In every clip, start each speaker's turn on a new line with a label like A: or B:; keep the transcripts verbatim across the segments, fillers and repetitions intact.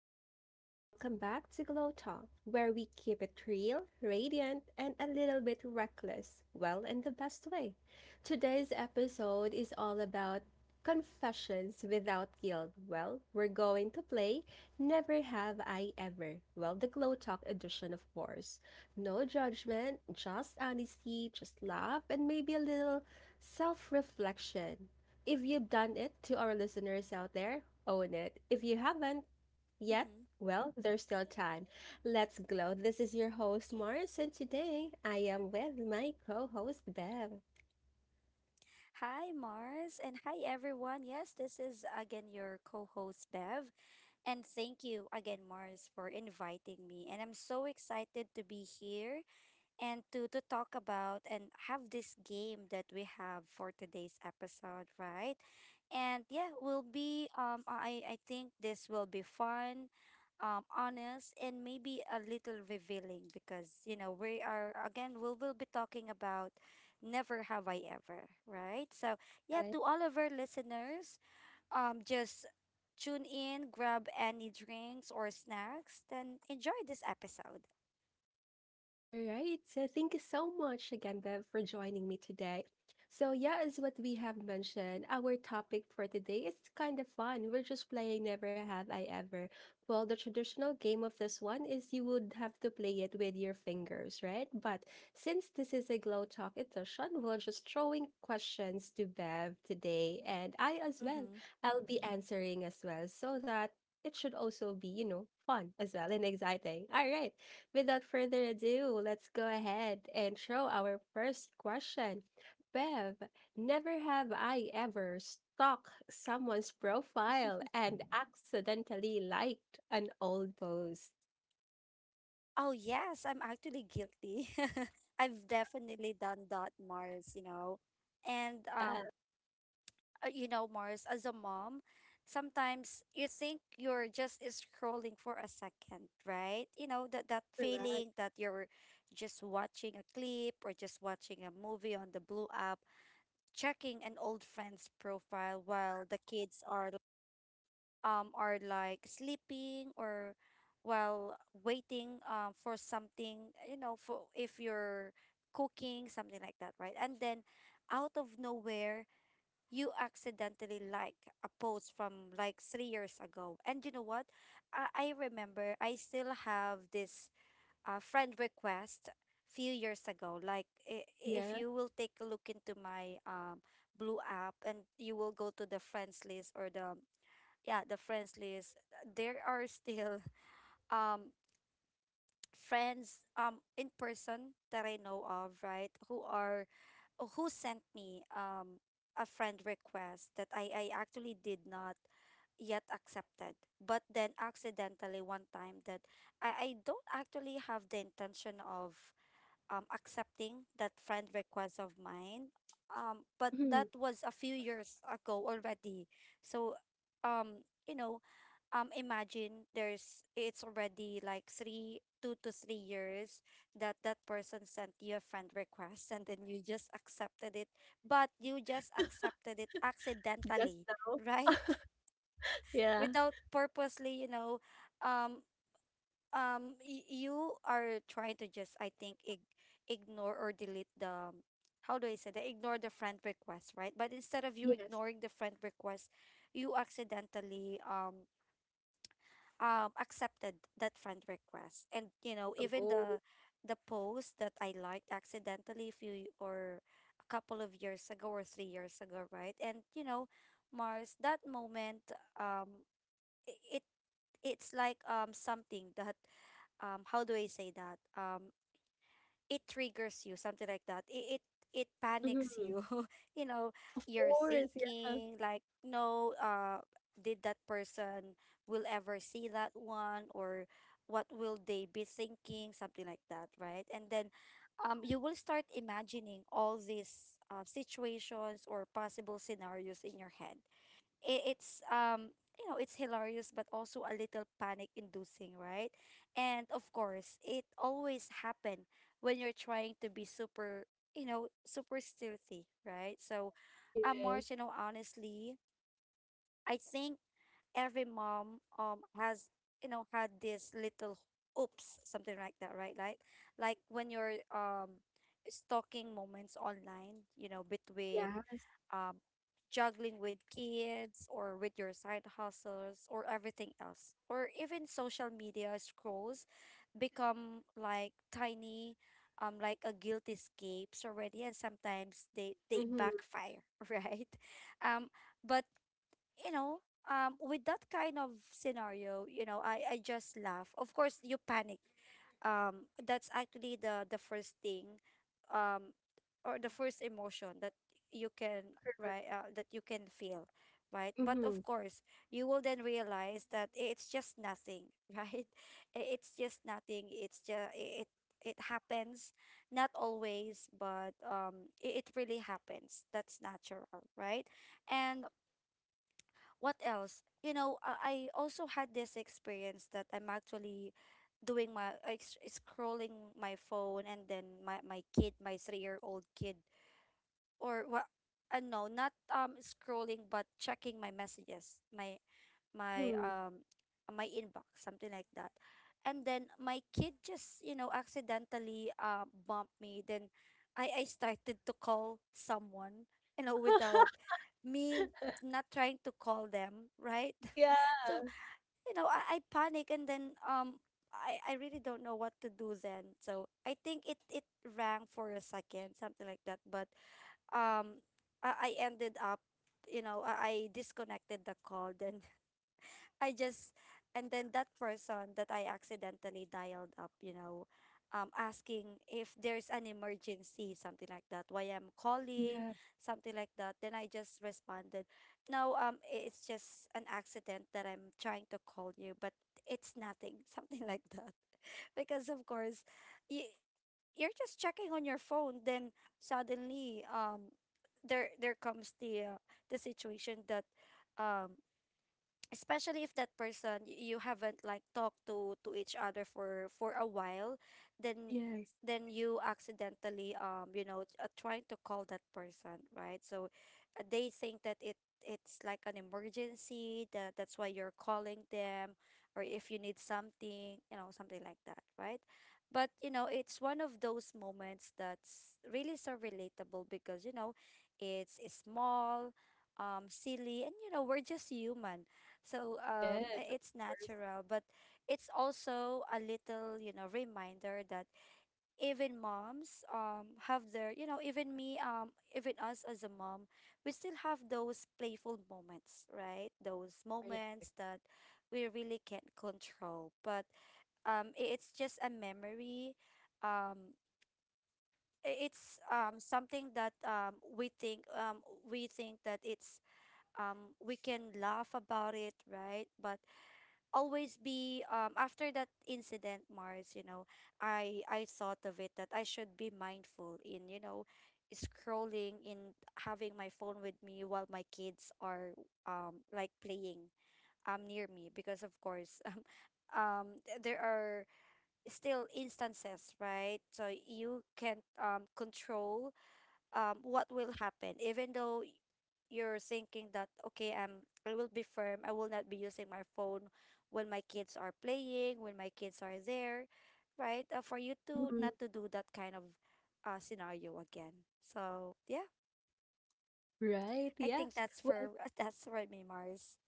A: everyone, and welcome back to Glow Talk, where we keep it real, radiant, and a little bit reckless, well, in the best way. Today's episode is all about confessions without guilt. Well, we're going to play Never Have I Ever, well, the Glow Talk edition, of course. No judgment, just honesty, just laugh, and maybe a little self reflection. If you've done it, to our listeners out there, own it. If you haven't, yet,
B: Mhm.
A: well, there's still time. Let's glow. This is your host, Mars, and today I am with my co host, Bev.
B: Hi, Mars, and hi, everyone. Yes, this is again your co host, Bev. And thank you again, Mars, for inviting me. And I'm so excited to be here and to to talk about and have this game that we have for today's episode, right? And yeah, will be um I I think this will be fun, um honest and maybe a little revealing because you know we are again we will be talking about never have I ever, right? So yeah, to all of our listeners, um just tune in, grab any drinks or snacks, then enjoy this episode.
A: All right. So thank you so much again, Bev, for joining me today. So yeah, as what we have mentioned, our topic for today is kind of fun. We're just playing Never Have I Ever. Well, the traditional game of this one is you would have to play it with your fingers, right? But since this is a glow talk edition, we're just throwing questions to Bev today, and I as well.
B: Mm-hmm.
A: I'll be answering as well, so that it should also be, you know, fun as well and exciting. All right. Without further ado, let's go ahead and show our first question. Bev, never have I ever stalked someone's profile and accidentally liked an old post.
B: Oh, yes, I'm actually guilty. I've definitely done that, Mars, you know. And
A: Yeah,
B: um uh, You know, Mars, as a mom, sometimes you think you're just scrolling for a second, right? You know, that that
A: correct.
B: feeling that you're just watching a clip or just watching a movie on the Blue app, checking an old friend's profile while the kids are um, are like sleeping or while waiting um, for something, you know, for if you're cooking, something like that, right? And then out of nowhere, you accidentally like a post from like three years ago. And you know what? I, I remember I still have this uh, friend request few years ago like i- if
A: Yeah.
B: you will take a look into my um blue app and you will go to the friends list or the yeah the friends list, there are still um friends um in person that I know of, right, who are uh, who sent me um a friend request that i i actually did not yet accepted, but then accidentally one time that i i don't actually have the intention of um accepting that friend request of mine, um but
A: Mm-hmm.
B: that was a few years ago already. So um you know, um imagine there's it's already like three two to three years that that person sent you a friend request and then you just accepted it, but you just accepted it
A: Just
B: accidentally,
A: now.
B: right?
A: Yeah.
B: Without purposely, you know, um um y- you are trying to just I think ig- ignore or delete the um, how do I say that, ignore the friend request, right? But instead of you
A: Yes.
B: ignoring the friend request, you accidentally um um accepted that friend request. And you know even
A: Oh.
B: the the post that I liked accidentally a few or a couple of years ago or three years ago, right? And you know, Mars, that moment, um i- it it's like um something that, um how do I say that, um it triggers you, something like that. It it, it panics
A: Mm-hmm.
B: you. You know,
A: Of
B: you're
A: course. Yeah.
B: thinking like, no, uh, did that person will ever see that one, or what will they be thinking, something like that, right? And then um, you will start imagining all these uh, situations or possible scenarios in your head. It, it's um you know it's hilarious but also a little panic inducing, right? And of course it always happen when you're trying to be super, you know, super stealthy, right? So I'm
A: Yes.
B: march, you know, honestly, I think every mom um has, you know, had this little oops, something like that, right? like like when you're um stalking moments online, you know,
A: Yeah.
B: between um juggling with kids or with your side hustles or everything else, or even social media scrolls become like tiny um like a guilty escapes already, and sometimes they they
A: Mm-hmm.
B: backfire. Right. Um but you know, um, with that kind of scenario, you know, I, I just laugh. Of course, you panic. Um, that's actually the the first thing, um, or the first emotion that you can right uh, that you can feel, right? But
A: Mm-hmm.
B: of course, you will then realize that it's just nothing, right? I- It's just nothing. It's just it it happens, not always, but um, it, it really happens. That's natural, right? And what else? You know, I, I also had this experience that I'm actually doing my like, s- scrolling my phone and then my my kid, my three-year-old kid or what, uh, no not um scrolling but checking my messages, my my
A: Mm-hmm.
B: um my inbox, something like that. And then my kid just, you know, accidentally uh bumped me, then i i started to call someone, you know, without me not trying to call them, right? So
A: Yeah.
B: you know i, I panic and then um I, I really don't know what to do then. So I think it it rang for a second, something like that, but um I, I ended up, you know, I, I disconnected the call then. I just, and then that person that I accidentally dialed up, you know, um asking if there's an emergency, something like that, why I'm calling,
A: Yeah.
B: something like that, then I just responded no, um it's just an accident that I'm trying to call you, but it's nothing, something like that. Because of course, you, you're just checking on your phone, then suddenly um there there comes the uh, the situation that, um especially if that person y- you haven't like talked to to each other for for a while, then
A: Yes.
B: then you accidentally, um you know, uh, trying to call that person, right? So uh, they think that it it's like an emergency, that that's why you're calling them, or if you need something, you know, something like that, right? But you know, it's one of those moments that's really so relatable, because you know it's, it's small, um silly, and you know we're just human. So um
A: Yes.
B: i-
A: Of
B: it's
A: course.
B: natural, but it's also a little, you know, reminder that even moms um have their, you know, even me, um even us as a mom, we still have those playful moments, right? Those
A: Correct.
B: moments that we really can't control, but um i- it's just a memory. Um i- it's um something that um we think um we think that it's um we can laugh about it, right? But always be um after that incident, Mars, you know, i i thought of it that I should be mindful in, you know, scrolling in, having my phone with me while my kids are um like playing um near me, because of course um um th- there are still instances, right? So you can't um control, um, what will happen, even though y- you're thinking that okay, um I will be firm, I will not be using my phone when my kids are playing, when my kids are there, right? Uh, for you to not
A: Mhm.
B: to do that kind of uh, scenario again. So yeah,
A: Right.
B: I think
A: Yes.
B: that's for
A: Well,
B: that's for me, Mars.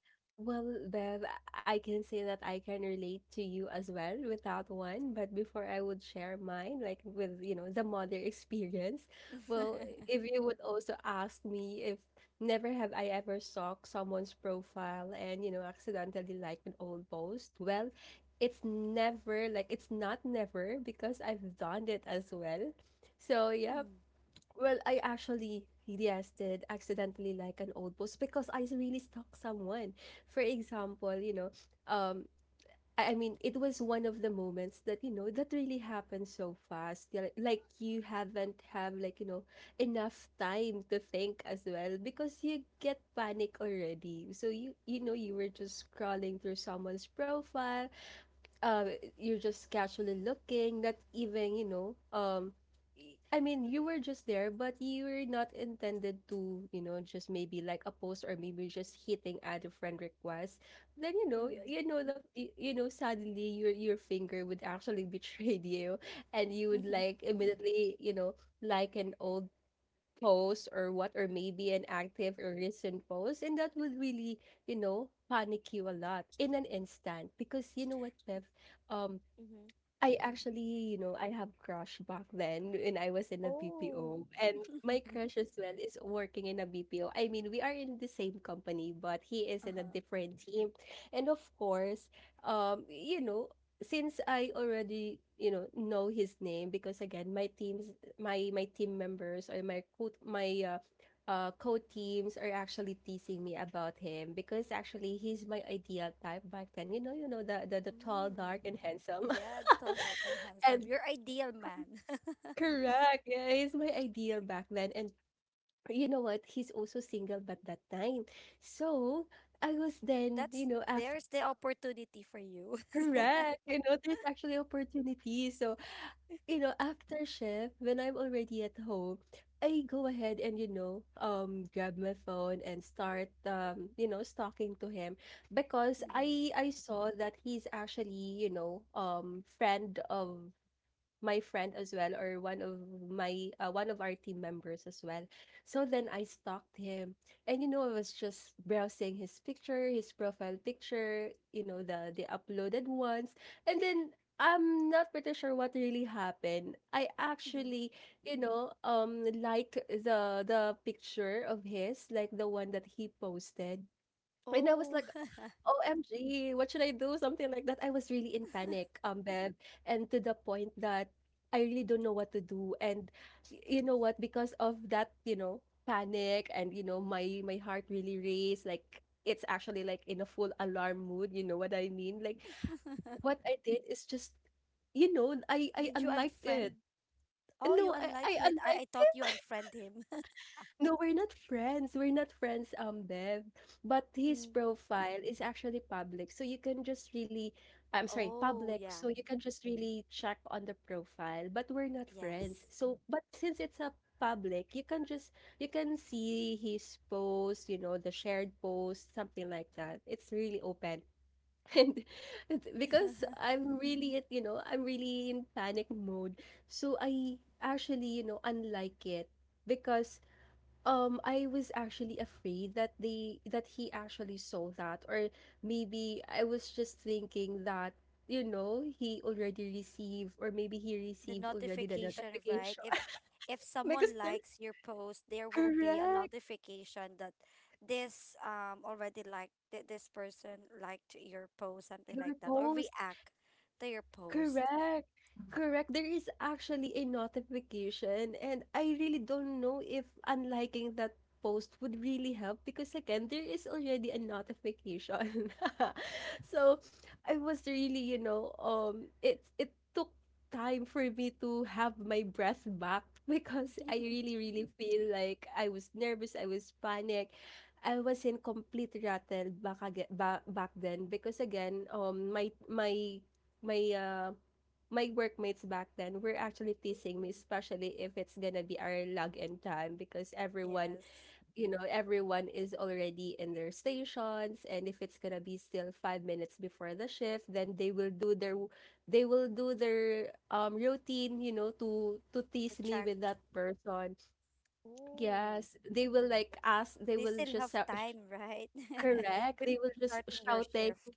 A: well, Bev, I can say that I can relate to you as well without one. But before I would share mine, like with, you know, the mother experience, well, if you would also ask me if never have I ever stalked someone's profile and, you know, accidentally like an old post, well, it's never like it's not never because I've done it as well. So yeah,
B: Mm.
A: well, I actually, yes, did accidentally like an old post because I really stalked someone. For example, you know, um, I, I mean, it was one of the moments that, you know, that really happened so fast. Yeah, Like, like you haven't have like, you know, enough time to think as well because you get panic already. So you you know, you were just scrolling through someone's profile, uh you're just casually looking, not even, you know, um y- i mean you were just there but you were not intended to, you know, just maybe like a post or maybe just hitting add a friend request. Then, you know, y-
B: Mm-hmm.
A: you know the y- you know, suddenly your your finger would actually betray you, and you would
B: Mm-hmm.
A: like immediately, you know, like an old post or what, or maybe an active or recent post, and that would really, you know, panic you a lot in an instant. Because you know what, Bev, um
B: Mm-hmm.
A: I actually, you know, I have crush back then when I was in a
B: Oh.
A: B P O. And my crush as well is working in a B P O. I mean, we are in the same company, but he is in a
B: Uh-huh.
A: different team. And of course, um, you know, since I already, you know, know his name, because again, my teams, my my team members or my co my uh, uh, co-teams are actually teasing me about him because actually he's my ideal type back then. You know, you know the the, the tall, dark,
B: Mm.
A: and handsome.
B: Yeah, tall dark and handsome,
A: And
B: your ideal man.
A: correct. Yeah, he's my ideal back then. And you know what? He's also single but that time. So I was then, you
B: That's
A: know, after
B: there's the opportunity for you.
A: correct, you know, there's actually opportunity. So, you know, after shift, when I'm already at home, I go ahead and, you know, um grab my phone and start um, you know, stalking to him because
B: Mm-hmm.
A: I I saw that he's actually, you know, um friend of my friend as well, or one of my uh, one of our team members as well. So then I stalked him, and you know, I was just browsing his picture, his profile picture, you know, the the uploaded ones, and then I'm not pretty sure what really happened. I
B: Mm-hmm.
A: actually, you know, um, liked the the picture of his, like the one that he posted. And I was
B: Oh.
A: like, O M G, what should I do? Something like that. I was really in panic, um, Bev, and to the point that I really don't know what to do. And y- you know what? Because of that, you know, panic and you know, my my heart really raced. Like it's actually like in a full alarm mood. You know what I mean? Like what I did is just, you know, I I
B: Did you
A: unliked it.
B: unfriend? Oh, you
A: No, I I
B: unlike it. I, I
A: unliked.
B: thought you unfriend him.
A: No, we're not friends. We're not friends, um, Bev. But his
B: Mm.
A: profile is actually public. So you can just really, I'm sorry,
B: Oh, yeah.
A: public. So you can just really check on the profile. But we're not
B: Yes.
A: friends. So, but since it's a public, you can just, you can see his post, you know, the shared post, something like that. It's really open. And because I'm really, you know, I'm really in panic mode. So I actually, you know, unlike it because, Um, I was actually afraid that they that he actually saw that, or maybe I was just thinking that, you know, he already received, or maybe he
B: The
A: received already the
B: notification, right?
A: notification.
B: If if
A: Because
B: someone
A: they're
B: likes your post, there will be a
A: correct,
B: notification that this um already liked th- this person liked your post, something
A: your
B: like that, or
A: post.
B: react to your post.
A: Correct, correct. There is actually a notification, and I really don't know if unliking that post would really help because again, there is already a notification. So I was really, you know, um, it it took time for me to have my breath back because I really, really feel like I was nervous, I was panicked, I was in complete rattle back aga- ba- back then because again, um, my my my uh, my workmates back then were actually teasing me, especially if it's gonna be our log-in time, because everyone,
B: Yes,
A: you know, everyone is already in their stations, and if it's gonna be still five minutes before the shift, then they will do their, they will do their um routine, you know, to to
B: to
A: tease me
B: check.
A: with that person.
B: Oh,
A: Yes, they will like ask, they
B: they
A: will
B: still
A: just
B: have
A: shout-
B: time, right?
A: correct, they
B: Before
A: will just
B: starting your
A: shouting.
B: shift.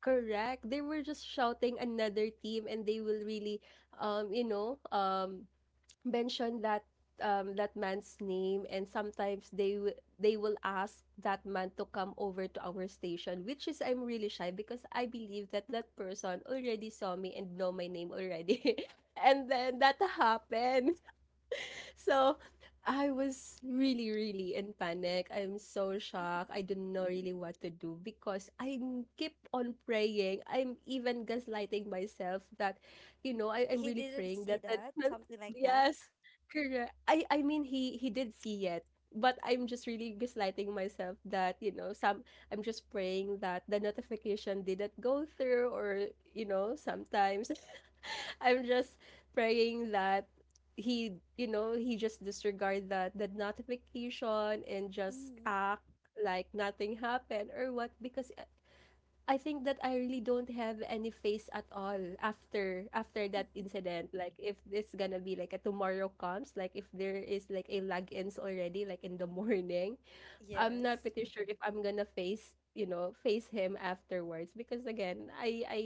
A: Correct. They were just shouting another team and they will really um you know, um mention that um that man's name, and sometimes they w- they will ask that man to come over to our station, which is I'm really shy because I believe that that person already saw me and know my name already. And then that happened. So I was really, really in panic. I'm so shocked. I didn't know really what to do because I keep on praying. I'm even gaslighting myself that, you know, I, I'm
B: He
A: really
B: didn't
A: praying
B: see
A: that that,
B: that,
A: that
B: something like that.
A: yes, correct. I I mean he he did see it. But I'm just really gaslighting myself that, you know, some I'm just praying that the notification didn't go through, or, you know, sometimes I'm just praying that he, you know, he just disregard that that notification and just
B: Mm.
A: act like nothing happened, or what, because I I think that I really don't have any face at all after after that incident. Like if it's gonna be like a tomorrow comes, like if there is like a lag ends already, like in the morning, I'm not
B: Yes.
A: pretty sure if I'm gonna face, you know, face him afterwards, because again, I I,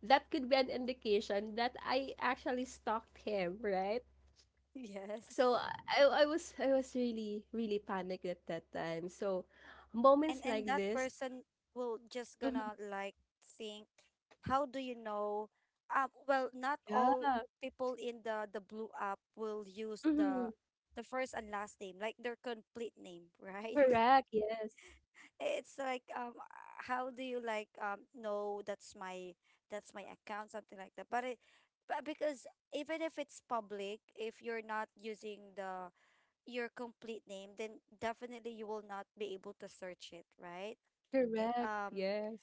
A: that could be an indication that I actually stalked him, right? So
B: Yes.
A: I I was, I was really, really panicked at that time. So
B: and
A: moments
B: and
A: like
B: that
A: this,
B: person will just
A: mhm,
B: gonna like think, how do you know, uh, well not all
A: yeah,
B: people in the the blue app will use the
A: mhm,
B: the first and last name, like their complete name, right?
A: correct, yes,
B: It's like um how do you like um know that's my, that's my account, something like that, but it, but because even if it's public, if you're not using the your complete name, then definitely you will not be able to search it, right?
A: correct,
B: um
A: yes.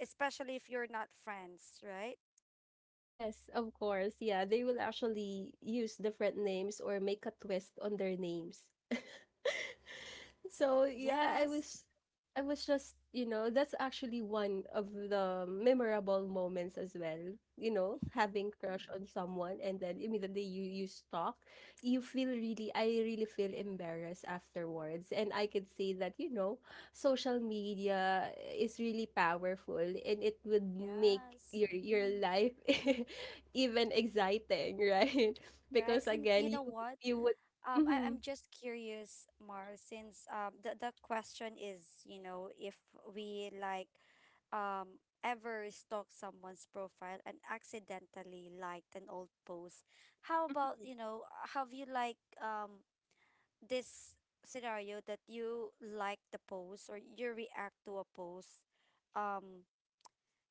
B: Especially if you're not friends, right?
A: Yes, of course. Yeah, they will actually use different names or make a twist on their names. So yeah, I
B: Yes.
A: was I was just, you know, that's actually one of the memorable moments as well. You know, having crush on someone and then immediately you you stalk, you feel really, I really feel embarrassed afterwards. And I could say that, you know, social media is really powerful and it would make
B: Yes.
A: your your life even exciting, right?
B: Right.
A: Because
B: And
A: again,
B: you
A: you
B: know what,
A: you would
B: um I,
A: Mhm,
B: I'm just curious, Mar, since um the, the question is, you know, if we like um ever stalk someone's profile and accidentally liked an old post, how about
A: mhm.
B: you know, have you like um this scenario that you like the post or you react to a post um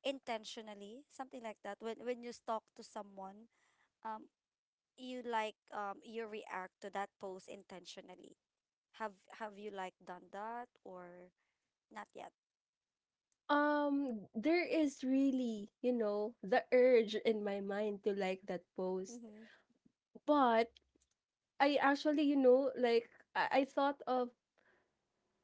B: intentionally, something like that. When when you talk to someone, um, you like um you react to that post intentionally. Have have you like done that or not yet?
A: um There is really, you know, the urge in my mind to like that post.
B: Mm-hmm.
A: But I actually, you know, like I, I thought of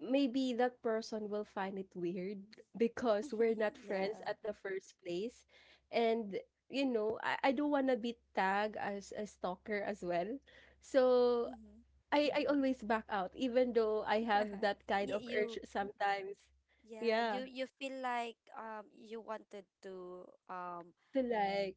A: maybe that person will find it weird because we're not friends
B: Yeah.
A: at the first place. And, you know, I, I don't want to be tagged as a stalker as well. So
B: Mm-hmm.
A: I, I always back out, even though I have that kind
B: You,
A: of urge
B: you
A: sometimes.
B: yeah
A: Yeah.
B: you you feel like um you wanted to um
A: To yeah, like,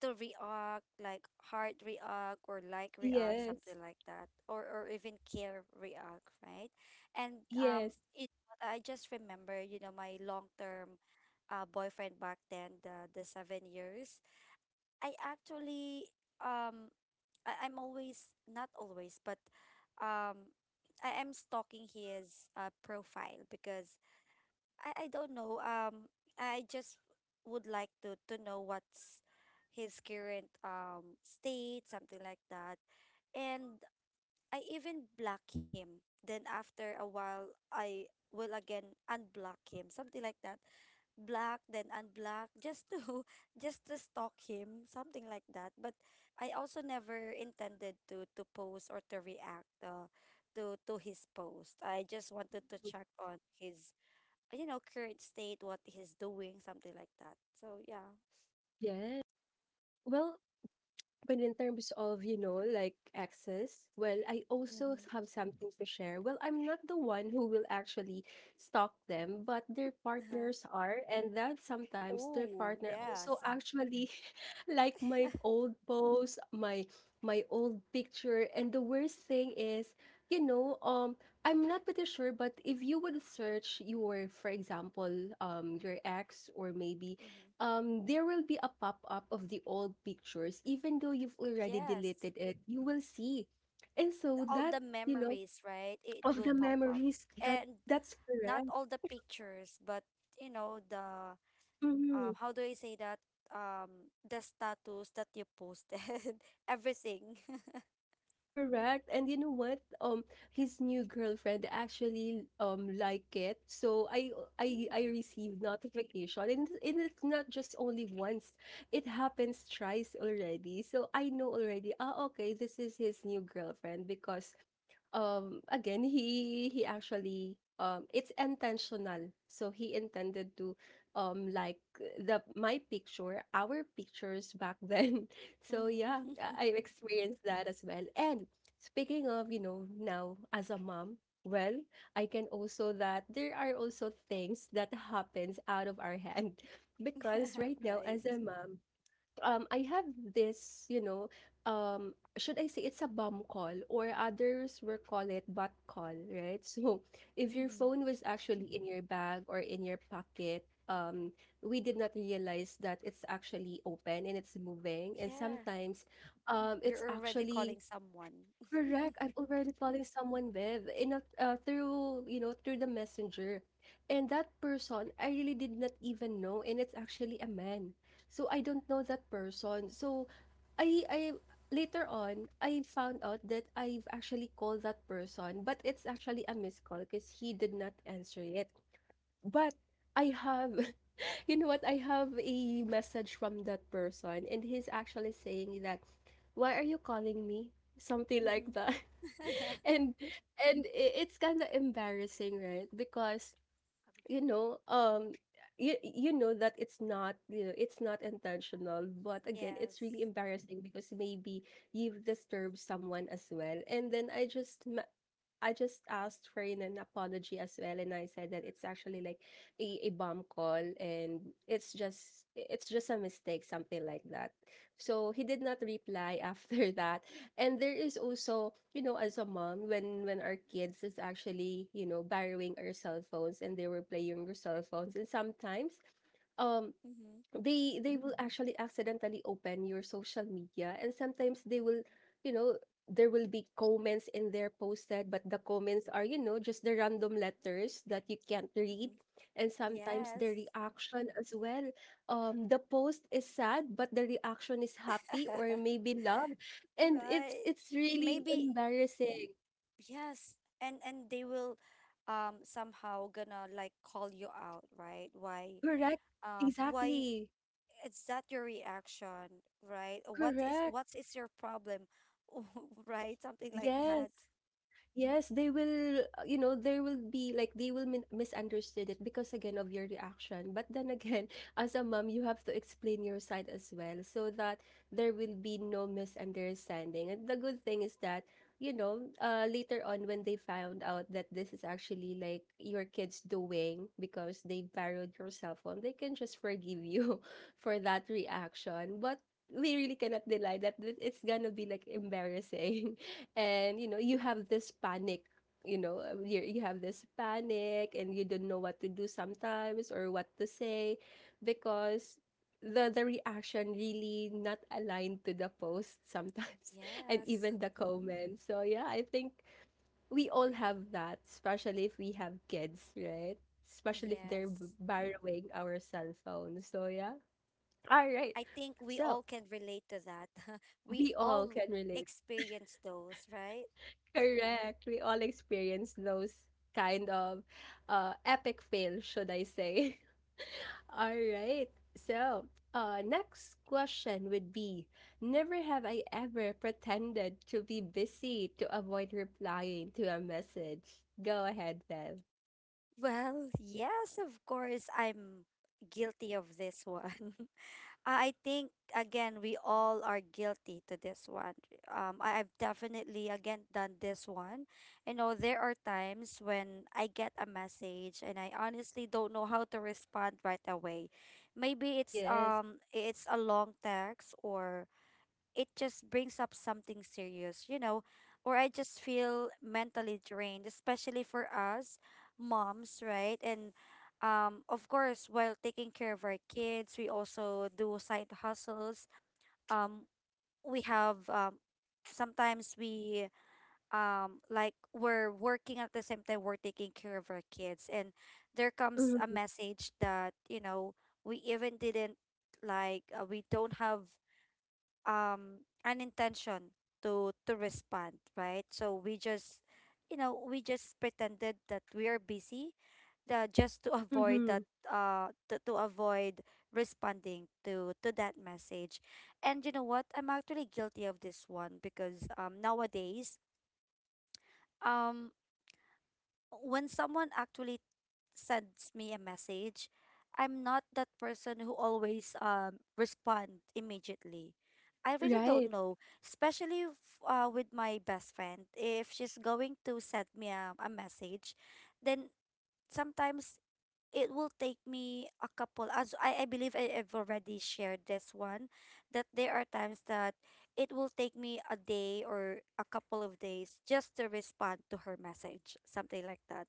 B: to react, like heart react or like react,
A: yes,
B: something like that, or or even care react, right? And um,
A: yes,
B: it, I just remember, you know, my long term uh, boyfriend back then, the the seven years. I actually um, I, I'm always not always, but um, I am stalking his uh, profile because I I don't know. Um, I just would like to to know what's his current um state, something like that. And I even block him. Then after a while, I will again unblock him, something like that. Block then unblock just to just to stalk him, something like that. But I also never intended to to post or to react uh, to to his post. I just wanted to check on his you know, current state, what he's doing, something like that. So yeah.
A: yes. Well, but in terms of, you know, like access, well, I also
B: Mm-hmm.
A: have something to share. Well, I'm not the one who will actually stalk them, but their
B: Uh-huh.
A: partners are. And that sometimes their
B: Oh,
A: partner
B: yes.
A: also actually like my old post, my my old picture. And the worst thing is, you know, um, I'm not pretty sure, but if you would search your, for example, um, your ex, or maybe
B: Mm-hmm.
A: um, there will be a pop-up of the old pictures. Even though you've already
B: Yes.
A: deleted it, you will see. And so
B: All
A: that,
B: the
A: you know,
B: memories, right? It
A: of
B: will
A: the
B: pop up.
A: memories, that
B: And
A: that's
B: not
A: correct.
B: all the pictures, but you know, the um
A: Mhm.
B: how do I say that? Um the status that you posted, everything.
A: Correct. And you know what? Um, his new girlfriend actually um like it. So I I I
B: Mm.
A: received notification, and, and it's not just only once. It happens thrice already. So I know already, ah, okay, this is his new girlfriend. Because Um, again, he he actually um it's intentional. So he intended to um like the my picture, our pictures back then. So yeah,
B: Mm-hmm.
A: I- I've experienced that as well. And speaking of, you know, now as a mom, well, I can also that there are also things that happens out of our hand because right now
B: Right.
A: as a mom, um I have this, you know, um should I say it's a bum call, or others will call it butt call, right? So if your
B: Mm-hmm.
A: phone was actually in your bag or in your pocket, um we did not realize that it's actually open, and it's moving, and
B: Yeah.
A: sometimes um it's
B: You're already
A: actually
B: calling someone.
A: correct. I have already calling someone with in a, uh, through, you know, through the messenger, and that person I really did not even know, and it's actually a man. So I don't know that person. So I I later on I found out that I've actually called that person, but it's actually a missed call because he did not answer it. But I have you know what, I have a message from that person, and he's actually saying that, "Why are you calling me?" Something like that.
B: Mm-hmm.
A: And and i- it's kind of embarrassing, right? Because you know um you, you know that it's not, you know, it's not intentional, but again
B: Yes.
A: it's really embarrassing because maybe you've disturbed someone as well. And then i just ma- I just asked for an an apology as well, and I said that it's actually like a, a bomb call, and it's just it's just a mistake, something like that. So he did not reply after that. And there is also, you know, as a mom, when when our kids is actually, you know, borrowing our cell phones and they were playing your cell phones, and sometimes um
B: Mm-hmm.
A: they they will Mm. actually accidentally open your social media. And sometimes they will, you know, there will be comments in there posted, but the comments are, you know, just the random letters that you can't read.
B: Mm-hmm.
A: And sometimes
B: Yes.
A: the reaction as well. Um, the post is sad, but the reaction is happy or maybe love. And it's
B: Right.
A: it's really
B: Maybe
A: embarrassing.
B: yes. And and they will um somehow gonna like call you out, right? Why
A: Correct.
B: uh why
A: Exactly.
B: it's that your reaction, right? What is
A: Correct.
B: what is your problem? Right? Something like
A: Yes.
B: that.
A: Yes, they will, uh, you know, there will be like they will min misunderstood it because again of your reaction. But then again, as a mom, you have to explain your side as well, so that there will be no misunderstanding. And the good thing is that, you know, uh, later on when they found out that this is actually like your kids doing because they borrowed your cell phone, they can just forgive you for that reaction. But we really cannot deny that th- it's gonna be like embarrassing, and you know you have this panic, you know uh, you you have this panic, and you don't know what to do sometimes, or what to say, because the the reaction really not aligned to the post sometimes and
B: Yes.
A: even the comments. So yeah, I think we all have that, especially if we have kids, right? Especially if they're b-
B: Yes.
A: borrowing our cell phone. So yeah. All right.
B: I think we
A: So
B: all can relate to that. We
A: we all
B: all
A: can relate.
B: experience those, right?
A: Correct. We all experience those kind of uh, epic fails, should I say. All right. So, uh, next question would be, never have I ever pretended to be busy to avoid replying to a message. Go ahead, Bev.
B: Well, yes, of course, I'm guilty of this one. Uh, I think again we all are guilty to this one. Um, I, I've definitely again done this one. You know, there are times when I get a message and I honestly don't know how to respond right away. Maybe it's
A: Yes.
B: um it's a long text, or it just brings up something serious, you know, or I just feel mentally drained, especially for us moms, right? And um, of course, while taking care of our kids, we also do side hustles. Um, we have, um, sometimes we, um like, we're working at the same time we're taking care of our kids, and there comes a
A: Mm-hmm.
B: message that, you know we even didn't like, uh, we don't have um an intention to to respond, right? So we just, you know we just pretended that we are busy, uh, just to avoid
A: Mm-hmm.
B: that, uh to, to avoid responding to to that message. And you know what, I'm actually guilty of this one because um nowadays, um when someone actually sends me a message, I'm not that person who always um respond immediately. I really don't
A: Right.
B: know, especially f- uh, with my best friend. If she's going to send me a, a message, then sometimes it will take me a couple. As I, I believe I have already shared this one, that there are times that it will take me a day or a couple of days just to respond to her message, something like that,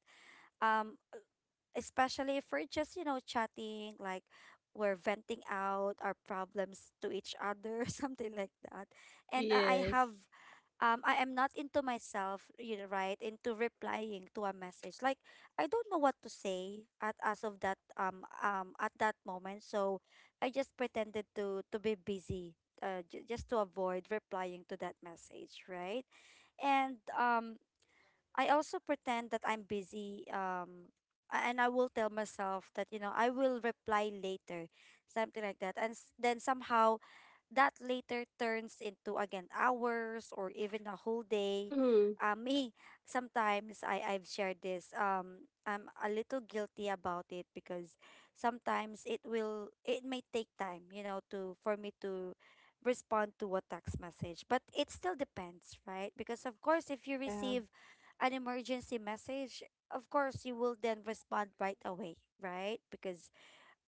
B: um especially if we're just, you know chatting, like we're venting out our problems to each other something like that. And i I
A: Yes.
B: have, um I am not into myself, you know right into replying to a message. Like, I don't know what to say at, as of that, um um at that moment, so I just pretended to to be busy, uh, j- just to avoid replying to that message, right? And um I also pretend that I'm busy. Um, a- and I will tell myself that, you know I will reply later, something like that. And s- then somehow that later turns into again hours or even a whole day.
A: Mm-hmm.
B: Uh, me, sometimes I, I've shared this. Um, I'm a little guilty about it because sometimes it will it may take time, you know, to for me to respond to a text message. But it still depends, right? Because of course if you
A: Yeah,
B: receive an emergency message, of course you will then respond right away, right? Because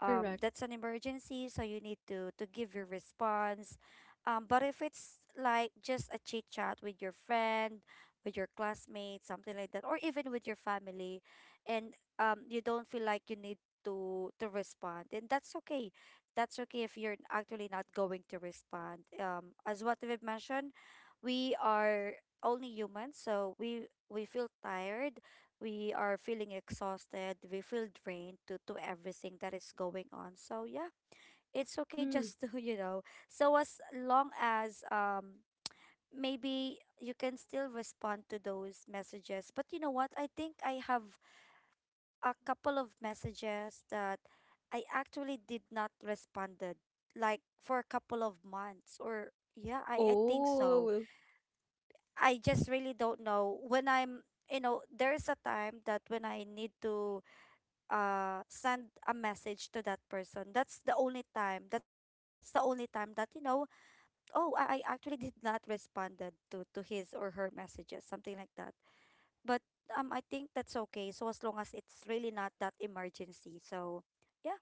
B: um, that's an emergency, so you need to to give your response. Um, but if it's like just a chit chat with your friend, with your classmate, something like that, or even with your family, and um, you don't feel like you need to to respond, then that's okay. That's okay if you're actually not going to respond. Um, as what we've mentioned, we are only humans, so we we feel tired, we are feeling exhausted, we feel drained to to everything that is going on. So yeah, it's okay
A: Mm-hmm.
B: just to, you know, so as long as um maybe you can still respond to those messages. But you know what? I think I have a couple of messages that I actually did not responded like for a couple of months, or yeah, I, I think so.
A: Oh,
B: I just really don't know when I'm, you know, there's a time that when I need to uh send a message to that person, that's the only time that's the only time that, you know oh, i, I actually did not responded to to his or her messages, something like that. But um I think that's okay, so as long as it's really not that emergency. So yeah,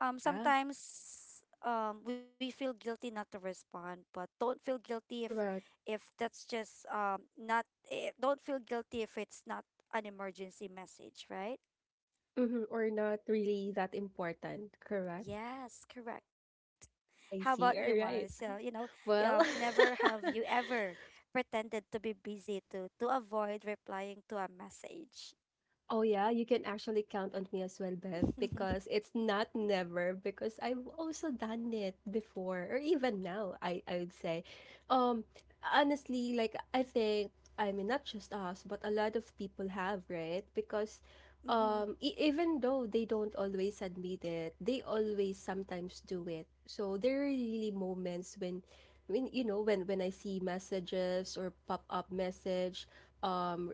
B: um
A: yeah,
B: sometimes um we feel guilty not to respond, but don't feel guilty if
A: correct.
B: if that's just um not, eh, don't feel guilty if it's not an emergency message, right?
A: Mhm, or not really that important, correct?
B: Yes, correct. How about
A: I
B: you,
A: see,
B: Mars? So, you
A: alright.
B: know, um,
A: Well
B: never have you ever pretended to be busy to to avoid replying to a message.
A: oh yeah, you can actually count on me as well, Bev, because it's not never, because I've also done it before, or even now, I I would say. Um honestly, like I think I mean, not just us, but a lot of people have, right? Because
B: Mhm.
A: um e- even though they don't always admit it, they always sometimes do it. So there are really moments when when you know, when when I see messages or pop-up message, um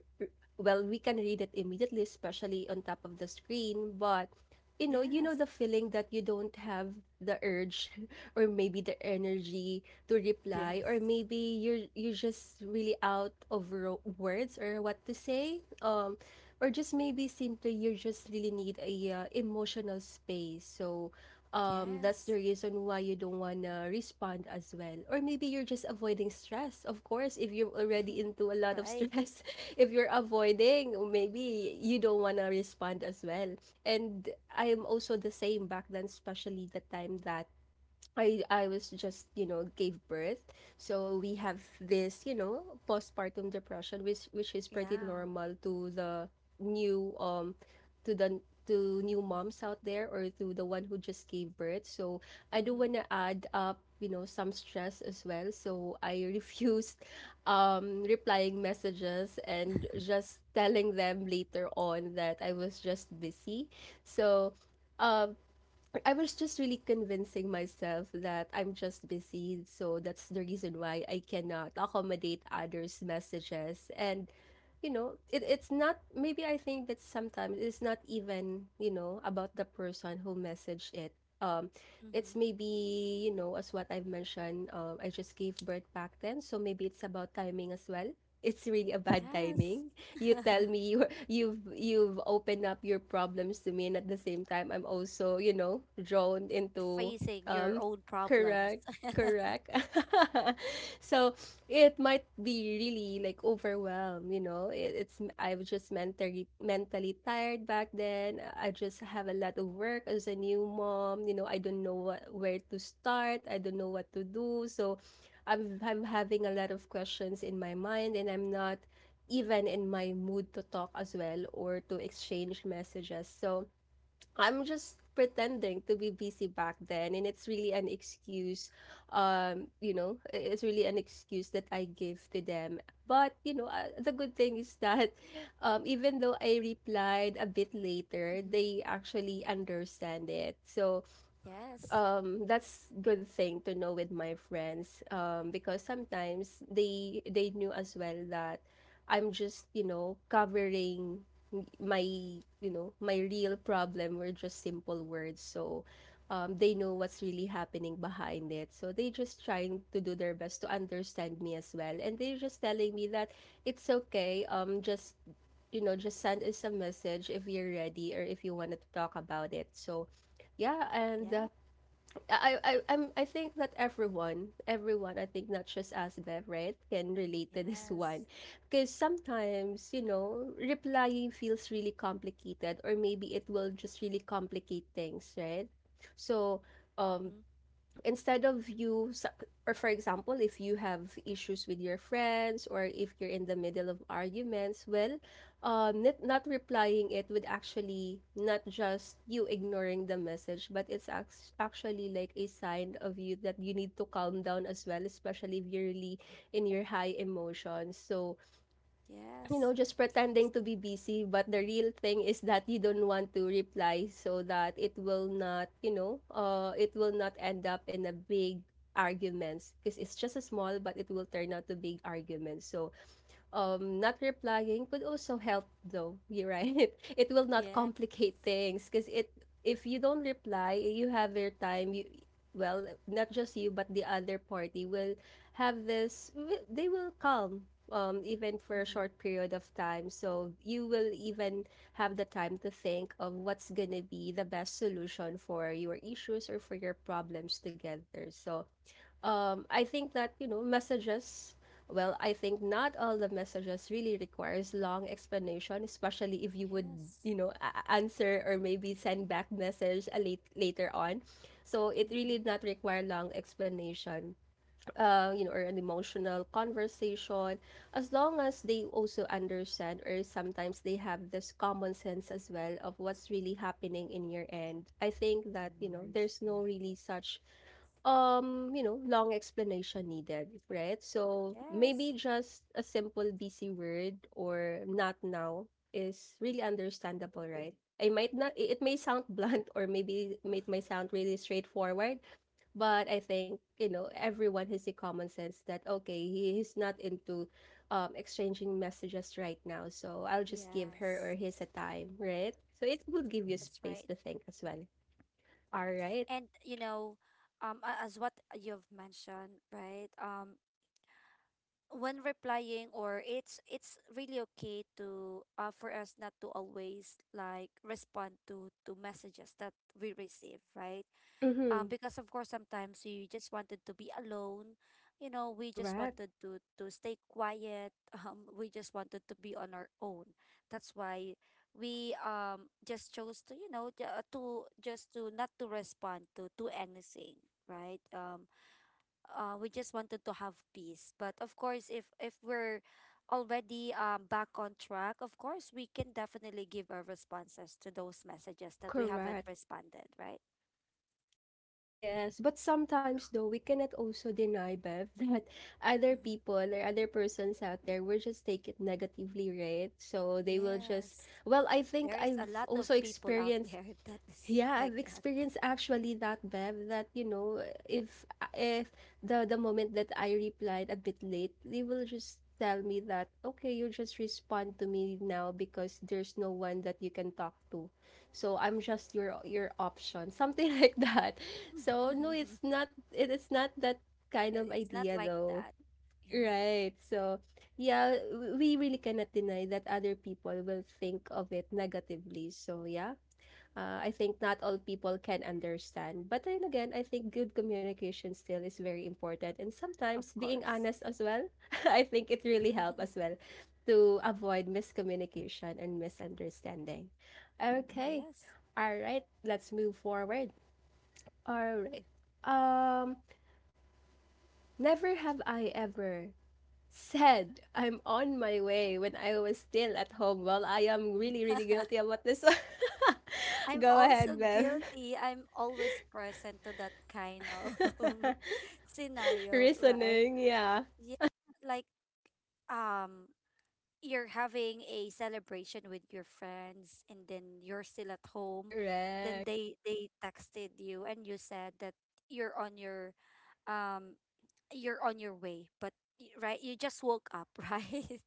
A: well we can read it immediately, especially on top of the screen. But you know, you know
B: Yes.
A: the feeling that you don't have the urge or maybe the energy to reply. Or
B: Yes.
A: maybe you're you're just really out of ro- words, or what to say. Um or just maybe simply you just really need a uh, emotional space. So um that's the
B: Yes.
A: reason why you don't want to respond as well, or maybe you're just avoiding stress. Of course if you're already into a lot of
B: Right.
A: stress, if you're avoiding, maybe you don't wanna respond as well. And I'm also the same back then, especially the time that I I was just, you know, gave birth. So we have this, you know, postpartum depression, which which is pretty
B: Yeah.
A: normal to the new um to the to new moms out there, or to the one who just gave birth. So I do
B: Mm-hmm.
A: want to add up, you know, some stress as well. So I refused um replying messages, and just telling them later on that I was just busy. So um I was just really convincing myself that I'm just busy, so that's the reason why I cannot accommodate others' messages. And you know, it, it's not, maybe I think that sometimes it's not even, you know, about the person who messaged it. Um, it's
B: Mm-hmm.
A: maybe, you know, as what I've mentioned, um, I just gave birth back then, so maybe it's about timing as well. It's really a bad
B: Yes.
A: timing. You tell me you you've you've opened up your problems to me, and at the same time I'm also, you know, drawn into
B: Facing your
A: um
B: own problems.
A: correct, correct. So it might be really like overwhelmed, you know, it, it's, I was just mentally mentally tired back then. I just have a lot of work as a new mom. You know, I don't know what, where to start. I don't know what to do. So i'm i'm having a lot of questions in my mind, and I'm not even in my mood to talk as well, or to exchange messages. So I'm just pretending to be busy back then, and it's really an excuse. um you know it's really an excuse that I give to them. But you know, uh, the good thing is that um even though I replied a bit later,
B: Mm-hmm.
A: they actually understand it. So
B: Yes.
A: um that's good thing to know with my friends, um because sometimes they they knew as well that I'm just you know covering m- my you know my real problem were just simple words. So um they know what's really happening behind it, so they just trying to do their best to understand me as well, and they're just telling me that it's okay. Um just you know just send us a message if you're ready, or if you wanted to talk about it. So yeah. And uh,
B: Yeah.
A: I I I'm, I think that everyone, everyone, I think not just us, Bev, right, can relate to this one,
B: Yes.
A: because sometimes you know replying feels really complicated, or maybe it will just really complicate things, right? So, um,
B: Mm-hmm.
A: instead of you, or for example if you have issues with your friends, or if you're in the middle of arguments, well um not, not replying, it would actually not just you ignoring the message, but it's act- actually like a sign of you that you need to calm down as well, especially if you're really in your high emotions. So you
B: Yes.
A: know, just pretending to be busy, but the real thing is that you don't want to reply, so that it will not, you know, uh, it will not end up in a big arguments, because it's just a small, but it will turn out to big arguments. So um, not replying could also help, though you're right. It will not
B: Yeah.
A: complicate things, because it if you don't reply, you have your time. You Well, not just you, but the other party will have this wi- they will calm, um, even for a
B: Mm-hmm.
A: short period of time, so you will even have the time to think of what's gonna be the best solution for your issues or for your problems together. So um, I think that, you know, messages, well, I think not all the messages really requires long explanation, especially if you would,
B: Yes.
A: you know, a- a- answer or maybe send back message a late, later on. So it really
B: Mm-hmm.
A: did not require long explanation, uh, you know, or an emotional conversation, as long as they also understand, or sometimes they have this common sense as well of what's really happening in your end. I think that, you know, there's no really such um, you know, long explanation needed, right? So
B: Yes.
A: maybe just a simple busy word or not now is really understandable, right? I might not, it it may sound blunt, or maybe it may sound really straightforward, but I think, you know, everyone has the common sense that, okay, he is not into um, exchanging messages right now. So I'll just give her or
B: Yes.
A: his a time, right? So it will give you
B: That's
A: space
B: right.
A: to think as well. All right.
B: And you know, um, a- as what you've mentioned, right? Um, when replying, or it's it's really okay to, uh for us not to always like respond to to messages that we receive, right?
A: Mm-hmm.
B: um because of course sometimes we just wanted to be alone, you know we just
A: Correct.
B: wanted to to stay quiet, um we just wanted to be on our own. That's why we, um just chose to, you know ju- uh, to just to not to respond to to anything, right? Um uh, we just wanted to have peace, but of course if if we're already um back on track, of course we can definitely give our responses to those messages that we haven't
A: Correct.
B: responded, right?
A: Yes, but sometimes though we cannot also deny, Bev, that other
B: Mm-hmm.
A: people or other persons out there will just take it negatively, right? So they will just,
B: Yes,
A: well, I think
B: there is a
A: I've
B: lot of
A: also
B: people out
A: experienced.
B: there that is
A: Yeah,
B: like
A: I've
B: that.
A: experienced actually that, Bev, that you know, if if the the moment that I replied a bit late, they will just tell me that, okay, you just respond to me now because there's no one that you can talk to. So I'm just your your option, something like that. So no, it's not, it is not that kind
B: It-
A: of
B: It's not
A: idea
B: like
A: though.
B: that. Yeah,
A: Right. So yeah, w- we really cannot deny that other people will think of it negatively. So yeah, uh, I think not all people can understand. But then again, I think good communication still is very important. And
B: of
A: sometimes being
B: course.
A: honest as well, I think it really helps as well to avoid miscommunication and misunderstanding. Okay.
B: Yes.
A: All right. Let's move forward. All right. Um, never have I ever said I'm on my way when I was still at home. Well, I am really, really guilty about this one.
B: I'm
A: Go
B: also
A: ahead, Bev.
B: guilty. I'm always present to that kind of scenario, right?
A: Reasoning, yeah.
B: Yeah, like, um you're having a celebration with your friends, and then you're still at home, then
A: Correct.
B: they they texted you and you said that you're on your, um you're on your way, but y- right, you just woke up. Right,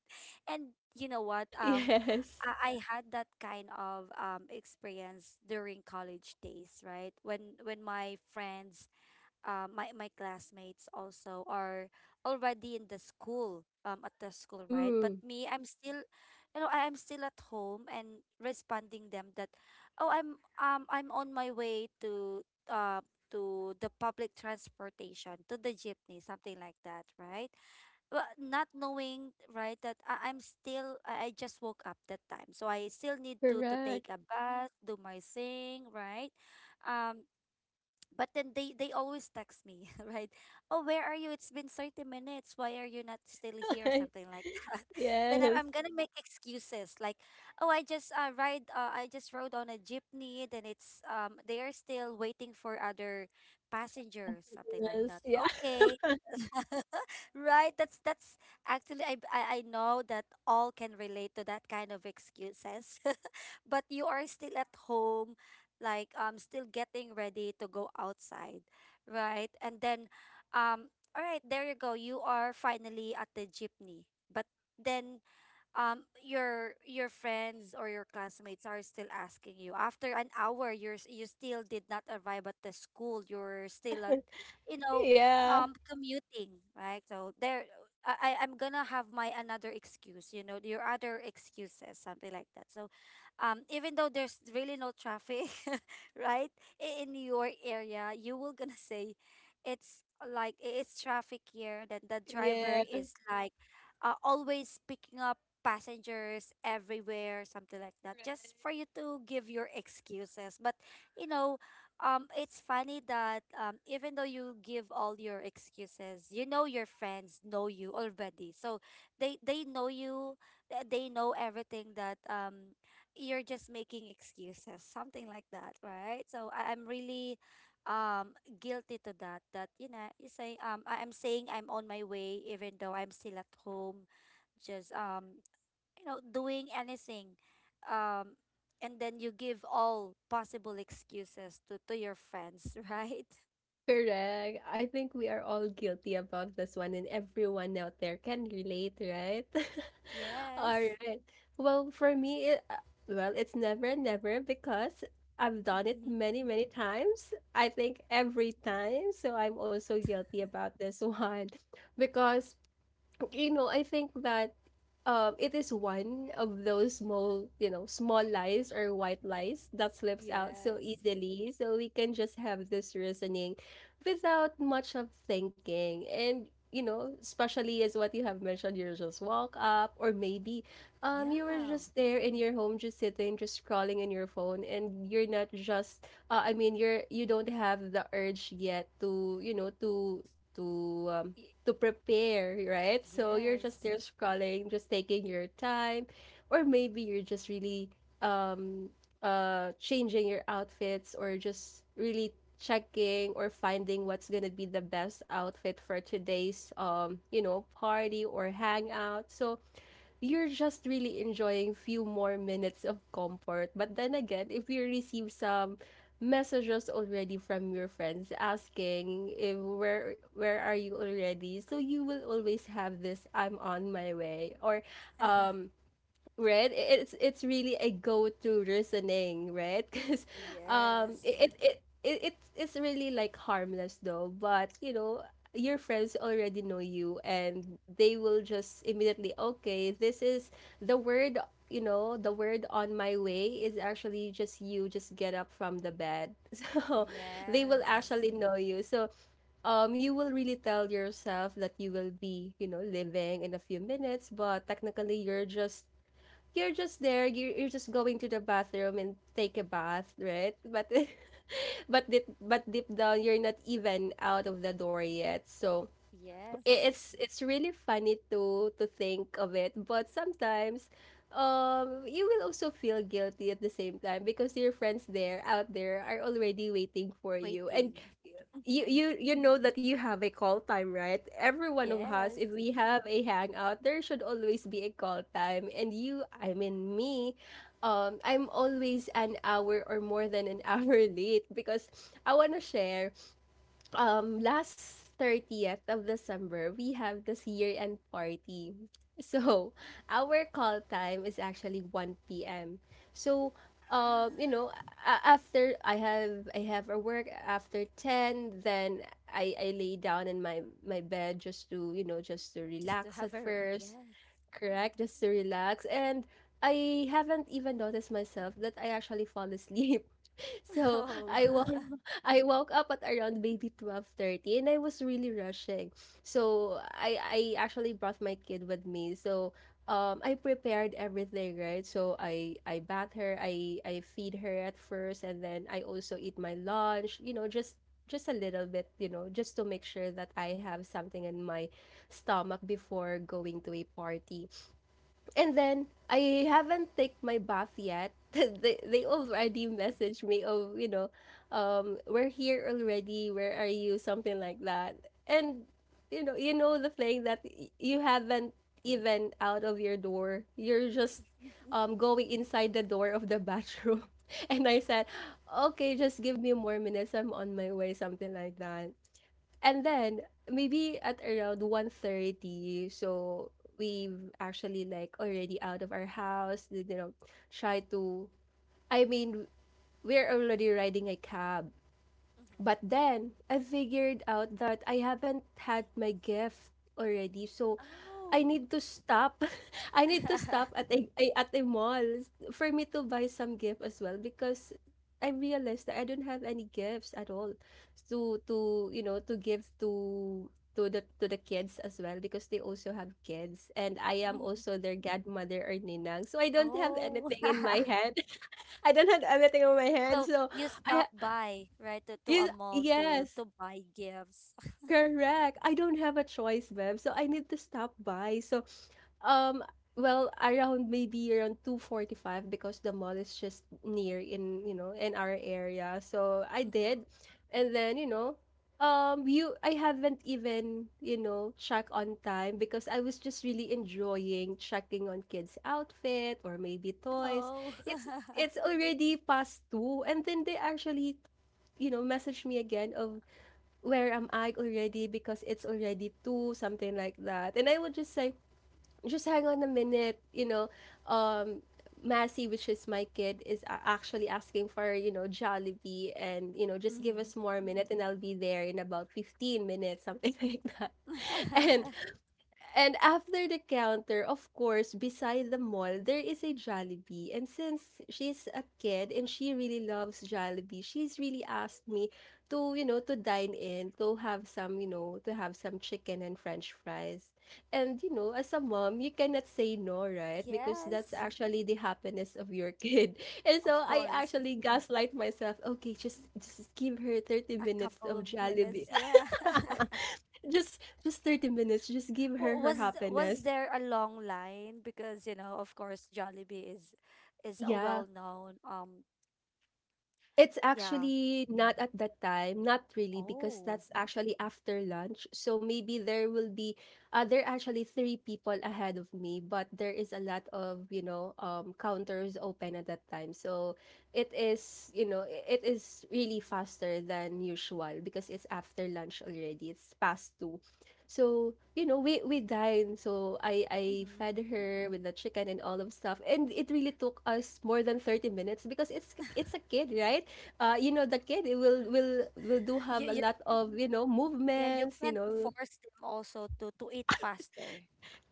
B: and you know what, um
A: Yes.
B: I I had that kind of um experience during college days, right? When when my friends, uh, my my classmates also are already in the school, um at the school, right? But
A: Mm,
B: me, I'm still, you know I am still at home, and responding them that, oh, i'm um i'm on my way to, uh to the public transportation, to the jeepney, something like that, right? But not knowing, right, that I, I'm still I, I just woke up that time, so I still need to to
A: correct.
B: take a bath, do my thing, right? um but then they they always text me, right, oh where are you, it's been thirty minutes, why are you not still here, something like that. Then I,
A: Yes.
B: i'm gonna make excuses like, oh, i just uh, ride uh, i just rode on a jeepney, then it's um they are still waiting for other passengers, something like
A: Passengers,
B: that,
A: yeah.
B: okay? Right, that's, that's actually I, I i know that all can relate to that kind of excuses. But you are still at home, like, um still getting ready to go outside, right? And then, um all right, there you go, you are finally at the jeepney. But then, um your your friends or your classmates are still asking you, after an hour you're s- you still did not arrive at the school, you're still at, you know
A: Yeah,
B: um commuting, right? So there, I I- I'm gonna have my another excuse, you know your other excuses, something like that. So, um even though there's really no traffic, right, i- in your area, you will gonna say, it's like, i- it's traffic here, then the driver
A: yeah.
B: is like, uh, always picking up passengers everywhere, something like that, just for you to give your excuses. But you know, um, it's funny that, um, even though you give all your excuses, you know your friends know you already, so they they know you, th- they know everything that, um you're just making excuses, something like that, right? So I, I'm really um guilty to that, that you know you say, um I- I'm saying, I'm on my way, even though I'm still at home, just, um you know doing anything, um and then you give all possible excuses to to your friends. Right.
A: Correct. I think we are all guilty about this one, and everyone out there can relate, right? All
B: Yes.
A: right. Well, for me, it, uh, well, it's never, never, because I've done it
B: Mhm.
A: many, many times. I think every time. So I'm also guilty about this one, because you know, I think that um, it is one of those small, you know, small lies or white lies that slips out so
B: Yes.
A: easily. So we can just have this reasoning without much of thinking. And, you know, especially as what you have mentioned, you just walk up, or maybe um, you were
B: Yeah.
A: just there in your home, just sitting, just scrolling in your phone, and you're not just, uh, I mean, you're, you don't have the urge yet to, you know, to, to, um,
B: Y-
A: to prepare, right? So you're just
B: yes.
A: there scrolling, just taking your time, or maybe you're just really um uh changing your outfits, or just really checking or finding what's gonna be the best outfit for today's um you know party or hangout. So you're just really enjoying few more minutes of comfort. But then again, if you receive some messages already from your friends asking if where where are you already, so you will always have this I'm on my way, or um right, it's it's really a go-to reasoning, right? Because um
B: Yes,
A: it, it it it it's it's really like harmless though, but you know your friends already know you, and they will just immediately, okay, this is the word, you know, the word on my way is actually just you just get up from the bed. So they will
B: yes,
A: actually know you. So um you will really tell yourself that you will be, you know, living in a few minutes, but technically you're just you're just there, you're, you're just going to the bathroom and take a bath, right? But, but deep, but deep down, you're not even out of the door yet. So i-
B: yes.
A: it's it's really funny to to think of it, but sometimes um you will also feel guilty at the same time, because your friends there out there are already waiting for you, and
B: Waiting.
A: you you you know that you have a call time, right? Every one of us,
B: Yes.
A: if we have a hangout, there should always be a call time. And you, I mean, me, um I'm always an hour or more than an hour late, because I want to share. Um last thirtieth of December, we have this year-end party. So, our call time is actually one p m. So, um,
B: Mm.
A: you know, a- after I have I have a work after ten, then I I lay down in my my bed just to, you know, just to
B: Just to
A: relax at
B: have a,
A: first.
B: yes.
A: Correct, just to relax, and I haven't even noticed myself that I actually fall asleep. So
B: Oh.
A: I woke I woke up at around maybe twelve thirty, and I was really rushing. So I I actually brought my kid with me. So um I prepared everything, right? So I I bath her, I I feed her at first, and then I also eat my lunch, you know, just just a little bit, you know, just to make sure that I have something in my stomach before going to a party. And then I haven't take my bath yet. they they
B: Mhm.
A: already messaged me of, you know, um, we're here already. Where are you? Something like that. And you know, you know the thing that y- you haven't even out of your door. You're just um going inside the door of the bathroom. And I said, okay, just give me more minutes. I'm on my way. Something like that. And then maybe at around one thirty, so we've actually like already out of our house, like, you know, try to I mean, we're already riding a cab.
B: Mhm.
A: But then I figured out that I haven't had my gift already. So I
B: Oh.
A: need to stop. I need to stop at a a at a mall for me to buy some gift as well, because I realized that I don't have any gifts at all to to, you know, to give to to the to the kids as well, because they also have kids, and I am also their godmother or ninang. So I don't have
B: Oh.
A: anything in my hand. I don't have anything on my hand.
B: So
A: So
B: you
A: I
B: stop by, right, to, to a
A: yes,
B: mall to
A: yes.
B: to buy gifts.
A: Correct. I don't have a choice, Bev. So I need to stop by. So, um, well, around maybe around two forty-five, because the mall is just near in, you know, in our area. So I
B: hmm
A: did. And then, you know, um you I haven't even, you know, check on time, because I was just really enjoying checking on kids' outfit or maybe toys.
B: Oh.
A: It's it's already past two, and then they actually you know message me again of where am I already, because it's already two, something like that. And I would just say, just hang on a minute, you know. Um, Massey, which is my kid, is a- actually asking for, you know, Jollibee, and, you know, just give
B: hmm
A: us more minute, and I'll be there in about fifteen minutes, something like that. And and after the counter, of course, beside the mall, there is a Jollibee. And since she's a kid and she really loves Jollibee, she's really asked me to, you know, to dine in, to have some, you know, to have some chicken and french fries. And, you know, as a mom, you cannot say no, right? Because that's
B: Yes,
A: actually the happiness of your kid. And so
B: of
A: I
B: course.
A: actually gaslight myself, okay, just just give her thirty
B: A
A: minutes of
B: couple of
A: Jollibee.
B: minutes, yeah.
A: Just just thirty minutes, just give her
B: Wa-
A: her
B: Was th- was
A: happiness.
B: there a long line? Because, you know, of course, Jollibee is is a
A: Yeah.
B: well-known um
A: It's
B: yeah.
A: actually not at that time, not really, because
B: Oh.
A: that's actually after lunch. So maybe there will be, uh, there are actually three people ahead of me, but there is a lot of, you know, um, counters open at that time. So it is, you know, i- it is really faster than usual, because it's after lunch already. It's past two. So, you know, we, we dined. So I, I
B: Mm-hmm.
A: fed her with the chicken and all of stuff. And it really took us more than thirty minutes, because it's it's a kid, right? Uh, you know, the kid, it will will will do have
B: You
A: a
B: you
A: lot
B: can't,
A: of you know
B: yeah, you
A: movements. You
B: can't
A: know,
B: force them also to to eat faster,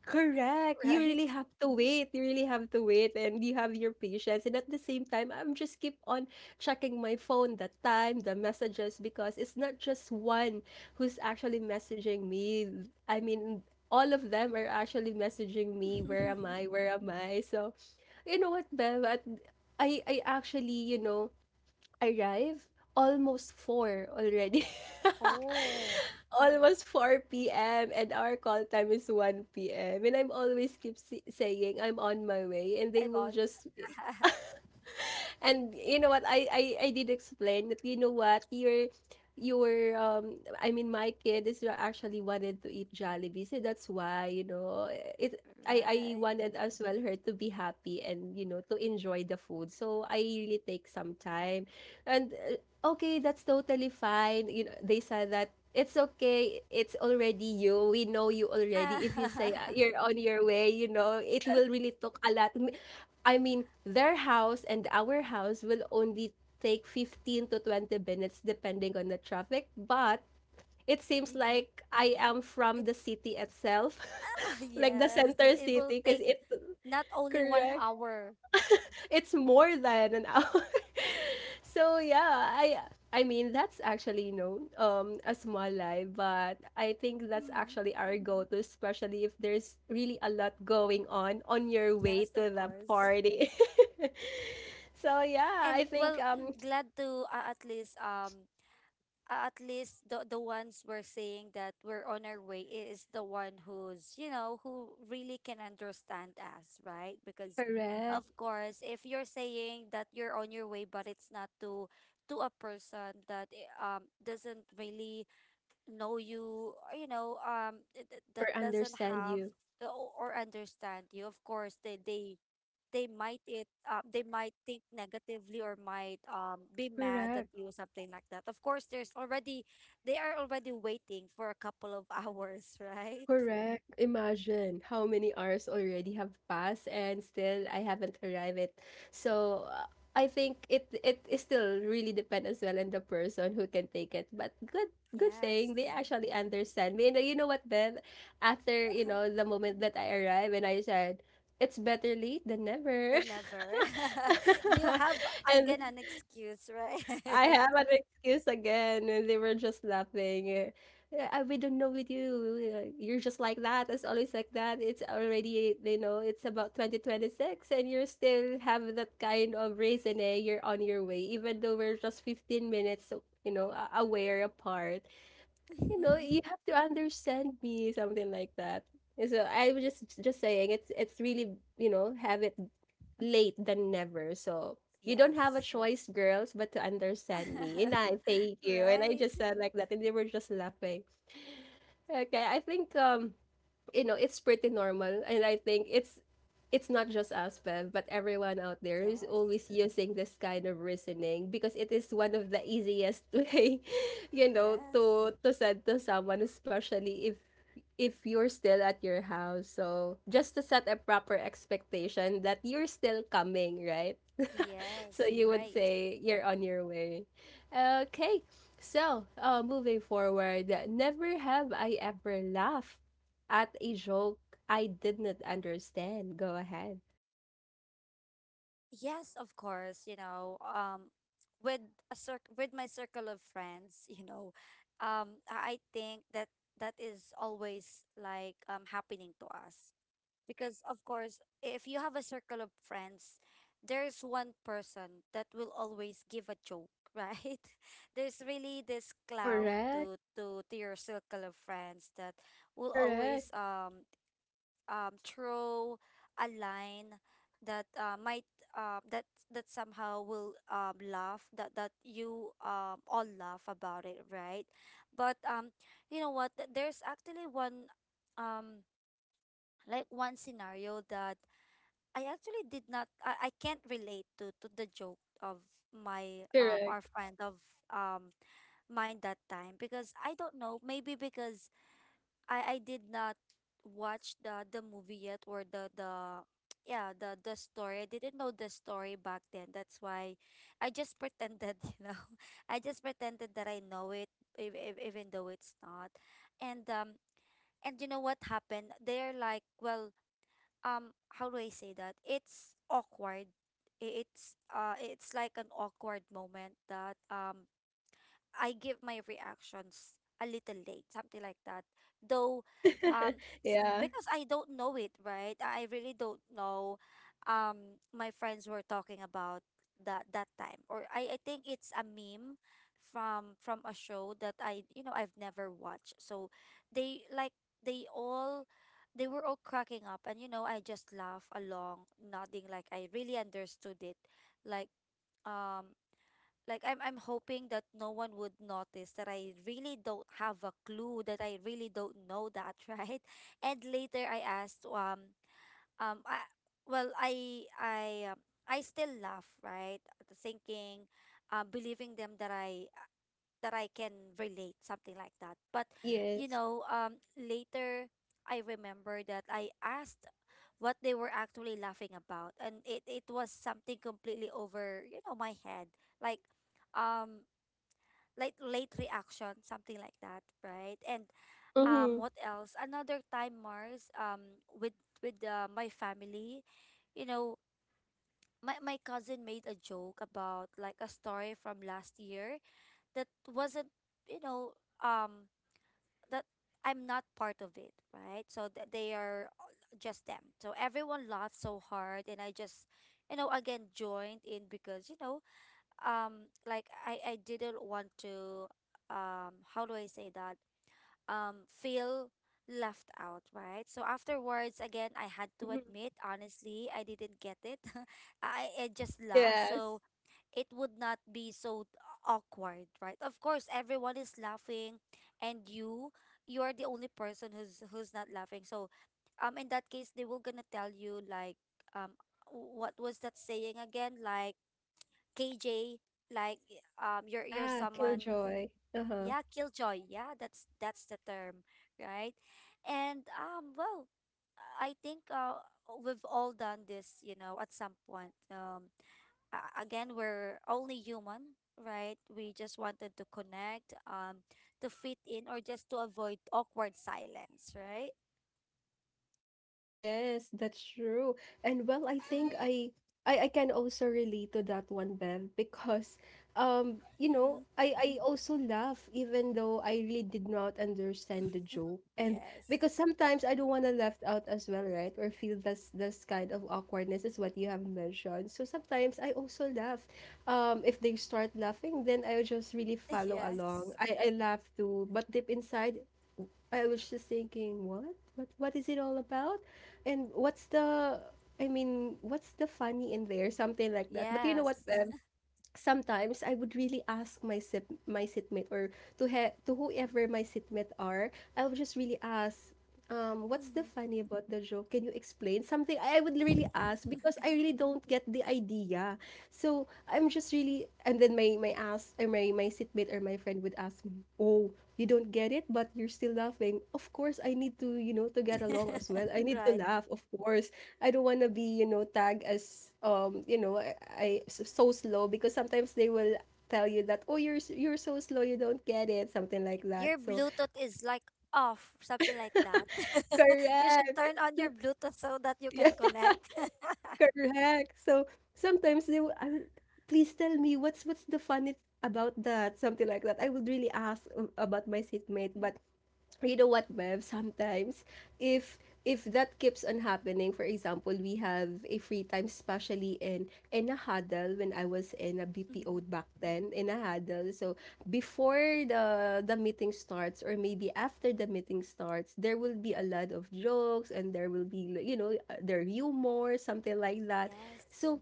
A: correct. You
B: right?
A: really have to wait. You really have to wait, and you have your patience. And at the same time, I'm just keep on checking my phone, the time, the messages, because it's not just one who's actually messaging me. I mean. All of them are actually messaging me. Where am I? Where am I? So, you know what, Bev? At I I actually, you know, arrive almost four already.
B: Oh,
A: Almost four p m, and our call time is one p m. And I'm always keep si- saying I'm on my way, and they
B: I
A: will
B: want.
A: just And you know what? I I I did explain that, you know what, your your um I mean my kid is actually wanted to eat Jollibee, so that's why, you know, it. I I
B: Right.
A: wanted as well her to be happy and, you know, to enjoy the food. So I really take some time, and uh, okay, that's totally fine. You know, they said that. It's okay. It's already you. We know you already. If you say uh,
B: Ah,
A: you're on your way, you know, it will really took a lot. M- I mean, their house and our house will only take fifteen to twenty minutes depending on the traffic, but it seems
B: Mhm.
A: like I am from the
B: It's
A: city itself,
B: ah,
A: like the
B: yes,
A: center
B: it, it will
A: city, because
B: take
A: it
B: not only one
A: correct
B: hour.
A: it's more than an hour. So yeah, I I mean that's actually, you know um a small lie, but I think that's
B: Mhm.
A: actually our go-to, especially if there's really a lot going on on your way
B: Yes,
A: to
B: of
A: the
B: course.
A: party. So yeah, I
B: And
A: think
B: well,
A: um
B: glad to uh, at least um uh, at least the the ones we're saying that we're on our way is the one who's, you know, who really can understand us, right? Because of
A: Correct
B: course, if you're saying that you're on your way but it's not to to a person that eh, um doesn't really know you or, you know, um th- th-
A: or
B: that doesn't
A: understand
B: have
A: you.
B: o- or understand you, of course they they they might it uh, they might think negatively or might um, be mad at
A: Correct.
B: you, something like that. Of course, there's already they are already waiting for a couple of hours, right?
A: Correct. Imagine how many hours already have passed, and still I haven't arrived it. So uh, I think it it is still really depend as well on the person who can take it. But good good
B: Yes.
A: thing they actually understand me. And uh, you know what, Beth? After, you know, the moment that I arrived and I said, it's better late than
B: the
A: never.
B: never. you have
A: And
B: again an excuse,
A: I
B: right?
A: have an excuse again, and they were just laughing. Eh, "Yeah, uh, we don't know with you. uh, You're just like that. It's always like that. It's already, you know, it's about twenty twenty-six, and you're still have that kind of reasoning. You're on your way, even though we're just fifteen minutes, uh, you know, a- aware apart. You know, you have to understand me," something like that. And so I was just just saying, it's it's really, you know, have it late than never. So you don't have a
B: yes.
A: choice, girls, but to understand me. And I thank you. And I
B: right.
A: just said like that, and they were just laughing. Okay, I think um you know it's pretty normal, and I think it's it's not just aspel, but everyone out there is
B: Yes,
A: always using this kind of reasoning because it is one of the easiest way, you know,
B: yes,
A: to to send to someone, especially if if you're still at your house, so just to set a proper expectation that you're still coming, right? So
B: yes.
A: you would
B: Right.
A: say you're on your way. Okay, so, uh, moving forward, never have I ever laughed at a joke I did not understand. Go ahead.
B: Yes, of course, you know, um with a cir- with my circle of friends, you know, um I I think that that is always like um happening to us because of course, if you have a circle of friends, there's one person that will always give a joke, right? There's really this clown
A: Correct.
B: to to to your circle of friends that will
A: Correct.
B: always um um throw a line that uh, might uh, that that somehow will, um, laugh that that you, um, all laugh about, it right? But um you know what, th- there's actually one, um like one scenario that I actually did not I, I can't relate to to the joke of my um
A: Correct.
B: our friend of um mine that time, because I don't know, maybe because I I did not watch the the movie yet, or the the yeah the the story. I didn't know the story back then. That's why I just pretended, you know. I just pretended that I know it, ev- ev- even though it's not. And um and you know what happened? They're like, well, um, how do I say that? It's awkward. I- It's uh, it's like an awkward moment that um I give my reactions a little late, something like that. Though, um, s-
A: Yeah.
B: because I don't know it, right? I I really don't know. Um, my friends were talking about that that time, or I, I think it's a meme from from a show that I, you know, I've never watched. So they like they all they were all cracking up, and you know, I just laugh along, nodding like I really understood it, like um like I'm I'm hoping that no one would notice that I really don't have a clue, that I really don't know that, right? And later I asked um um I, well I I um, I still laugh, right? Thinking, uh, believing them that I that I can relate, something like that. But you
A: Yes.
B: know, um later I remember that I asked what they were actually laughing about, and it it was something completely over, you know, my head, like, um late late reaction, something like that, right? And um
A: Mm-hmm.
B: what else, another time, mars, um with with uh, my family, you know, my, my cousin made a joke about like a story from last year that wasn't, you know, um that I'm not part of, it right? So that they are just them. So everyone laughed so hard and I just, you know, again joined in because, you know, um like I I didn't want to, um how do I say that, um feel left out, right? So afterwards, again, I had to
A: Mhm.
B: admit honestly I didn't get it. I, I just laughed
A: Yes.
B: so it would not be so awkward, right? Of course everyone is laughing and you you are the only person who's who's not laughing. So um in that case they will gonna tell you, like, um what was that saying again, like, K J, like, um you're you're
A: Yeah.
B: someone,
A: Killjoy. Uh huh.
B: yeah, killjoy. Yeah, that's that's the term, right? And um well, I think uh we've all done this, you know, at some point. Um a- again, we're only human, right? We just wanted to connect, um to fit in or just to avoid awkward silence, right?
A: Yes, that's true. And well, I think
B: Mhm.
A: I I I can also relate to that one, Bev, because um, you know,
B: Mhm.
A: I I also laugh even though I really did not understand the joke. And
B: Yes.
A: because sometimes I don't wanna to left out as well, right? Or feel this this kind of awkwardness is what you have mentioned. So sometimes I also laugh. Um, if they start laughing, then I will just really follow along.
B: Yes.
A: I I laugh too, but deep inside I was just thinking, what? What what is it all about? And what's the I mean, what's the funny in there? Something like that. But you know what,
B: Yes.
A: Bev? Sometimes I would really ask my sip, my sitmate, or to he, to whoever my sitmate are, I would just really ask, um, what's the
B: Mhm.
A: funny about the joke? Can you explain something? I would really ask because I really don't get the idea. So I'm just really, and then my my ask or my my sitmate or my friend would ask me, oh, you don't get it, but you're still laughing. Of course, I need to, you know, to get along as well. I need to
B: right.
A: laugh, of course. I don't want to be, you know, tagged as um, you know, I, I s- so slow, because sometimes they will tell you that, "Oh, you're s- you're so slow, you don't get it," something like that.
B: Your
A: So,
B: Bluetooth is like off, something like that. you should
A: correct.
B: turn on your
A: So-
B: Bluetooth so that you
A: Yeah,
B: can connect.
A: correct. So, sometimes they will, I will, please tell me what's what's the funny about that, something like that. I would really ask um, about my seatmate, but you know what, Bev, sometimes if if that keeps on happening, for example, we have a free time, especially in in a huddle, when I was in a
B: Mhm.
A: B P O back then, in a huddle. So before the the meeting starts, or maybe after the meeting starts, there will be a lot of jokes, and there will be, you know, uh, their humor, something like that.
B: Yes,
A: So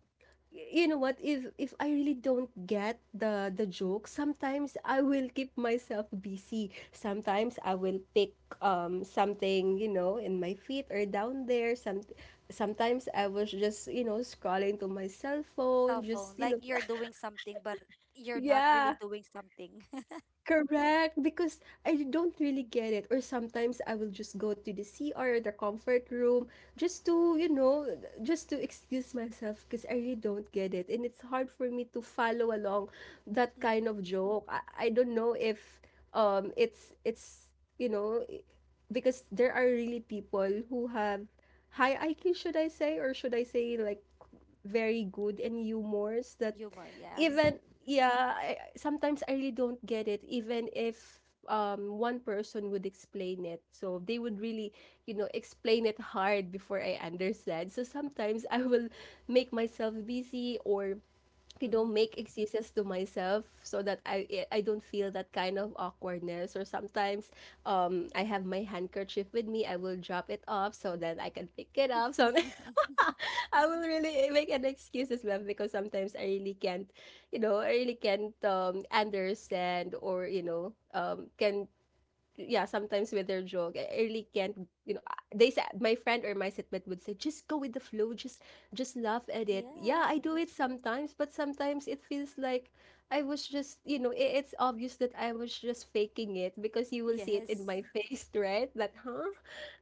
A: you know what, if if I really don't get the the joke, sometimes I will keep myself busy, sometimes I will pick um something, you know, in my feet or down there. Some sometimes I was just, you know, scrolling to my cell
B: cell
A: phone,
B: phone.
A: just, you
B: Like
A: know,
B: you're doing something, but you're not really
A: yeah.
B: doing something.
A: Correct, because I don't really get it. Or sometimes I will just go to the C R or the comfort room, just to, you know, just to excuse myself because I really don't get it. And it's hard for me to follow along that kind
B: hmm
A: of joke. I, I don't know if um it's it's you know i- because there are really people who have high I Q, should I say, or should I say like very good and humors that
B: Humor, yes.
A: even yeah I, I- sometimes I really don't get it, even if um one person would explain it. So they would really, you know, explain it hard before I understand. So sometimes I will make myself busy, or you know,
B: hmm
A: make excuses to myself so that i i I don't feel that kind of awkwardness, or sometimes, um I have my handkerchief with me, I will drop it off so that I can pick it up, so I will really make an excuse as well, because sometimes I really can't, you know, I really can't um, understand, or you know um, can yeah, sometimes with their joke, I I really can't, you know, they said, my friend or my sitmate would say, just go with the flow, just, just laugh at it. Yeah,
B: yeah.
A: I do it sometimes, but sometimes it feels like I was just, you know, i- it's obvious that I was just faking it because you will see it in my
B: Yes.
A: face, right? That, huh?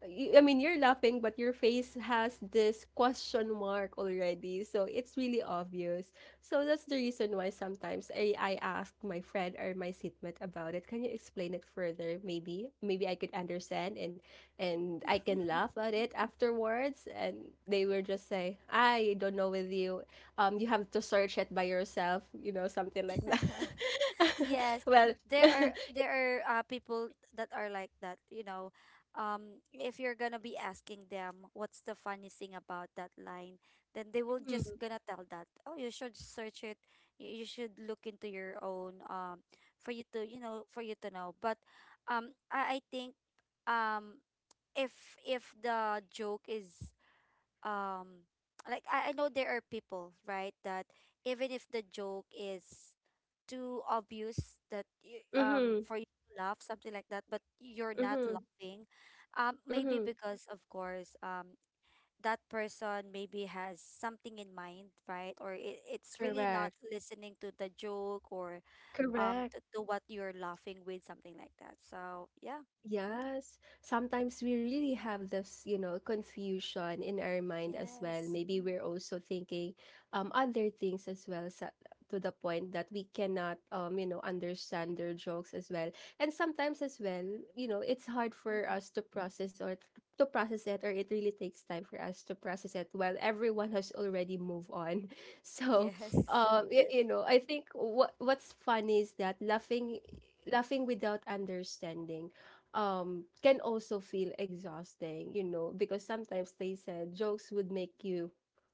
A: You- I mean, you're laughing, but your face has this question mark already. So it's really obvious. So that's the reason why sometimes I, I ask my friend or my seatmate about it. Can you explain it further? Maybe maybe I could understand, and and I can laugh at it afterwards. And they will just say, I don't know with you. Um, you have to search it by yourself. You know, something like that.
B: Yes,
A: Well,
B: there are
A: mm-hmm,
B: there are uh, people that are like that, you know. Um, if you're gonna be asking them what's the funniest thing about that line, then they will just gonna tell that, oh, you should search it. You, you should look into your own, um for you to, you know, for you to know. But um I, I think um if if the joke is um like I, I know there are people, right, that even if the joke is too obvious that you, um
A: mm-hmm,
B: for you to laugh, something like that, but you're not
A: mm-hmm,
B: laughing, um maybe
A: mm-hmm.
B: because of course, um that person maybe has something in mind, right? Or it, it's really not
A: Correct.
B: listening to the joke, or um
A: Correct.
B: to, to what you're laughing with, something like that, so yeah.
A: Yes, sometimes we really have this, you know, confusion in our mind as well.
B: Yes,
A: Maybe we're also thinking um other things as well, sa to the point that we cannot, um you know, understand their jokes as well. And sometimes as well, you know, it's hard for
B: mm-hmm.
A: us to process, or t- to process it, or it really takes time for us to process it, while everyone has already moved on. So,
B: yes,
A: um y- you know, I think what what's funny is that laughing laughing without understanding um can also feel exhausting, you know, because sometimes they said jokes would make you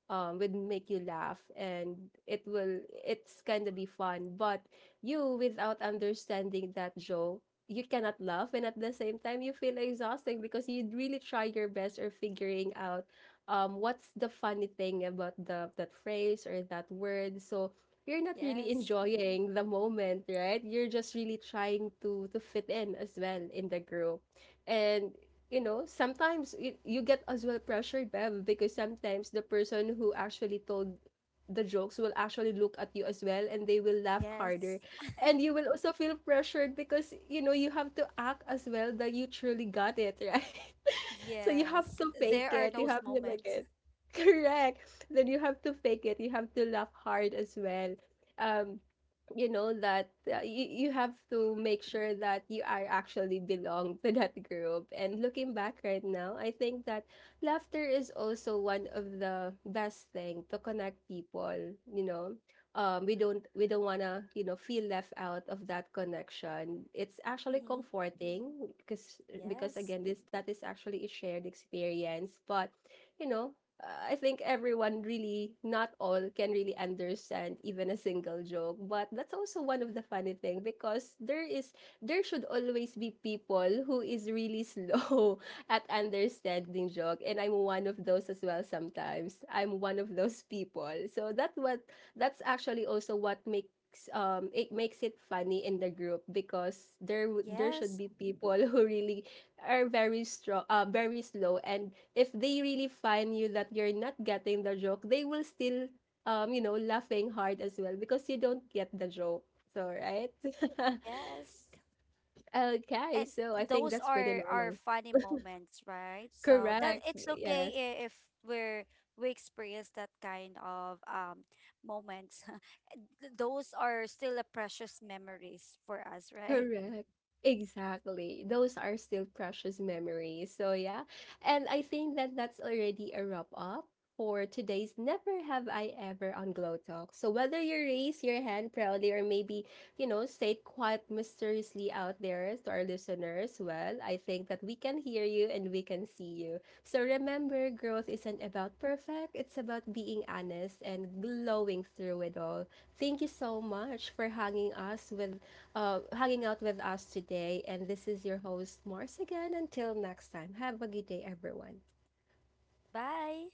A: um would make you laugh, and it will it's kind of be fun, but you without understanding that joke, you cannot laugh, and at the same time you feel exhausting because you really try your best or figuring out um what's the funny thing about the that phrase or that word. So you're not really
B: yes,
A: enjoying the moment, right? You're just really trying to to fit in as well in the group. And you know, sometimes you, you get as well pressured, Bev, because sometimes the person who actually told the jokes will actually look at you as well, and they will laugh
B: yes.
A: harder. And you will also feel pressured, because you know you have to act as well that you truly got it, right? So you have
B: Yes,
A: to fake
B: there are
A: it. You
B: those
A: have to make
B: moments.
A: it. Correct. Then you have to fake it. You have to laugh hard as well. Um, you know that uh, you, you have to make sure that you are actually belong to that group. And looking back right now, I think that laughter is also one of the best thing to connect people, you know, um we don't we don't want to, you know, feel left out of that connection. It's actually
B: Hmm
A: comforting, because because
B: Yes,
A: again, this that is actually a shared experience. But you know, uh, I think everyone really, not all, can really understand even a single joke. But that's also one of the funny thing, because there is there should always be people who is really slow at understanding joke, and I'm one of those as well. Sometimes I'm one of those people. So that what that's actually also what makes um it makes it funny in the group, because there w- there should
B: yes,
A: be people who really are very strong, uh, very slow, and if they really find you that you're not getting the joke, they will still, um, you know, laughing hard as well because you don't get the joke. So right,
B: yes.
A: okay.
B: And
A: So I think
B: those
A: that's pretty
B: are are
A: normal.
B: funny moments, right? So that
A: Correct.
B: it's okay
A: Yes.
B: i- if we're, we experience that kind of, um moments. Th- Those are still a precious memories for us, right?
A: Correct. Exactly. Those are still precious memories. So, yeah. And I think that that's already a wrap up for today's Never Have I Ever on Glow Talk. So, whether you raise your hand proudly or maybe, you know, say it quite mysteriously out there to our listeners, well, I think that we can hear you and we can see you. So, remember, growth isn't about perfect, it's about being honest and glowing through it all. Thank you so much for hanging us with uh, hanging out with us today. And this is your host, Mars, again. Until next time, have a good day, everyone.
B: Bye.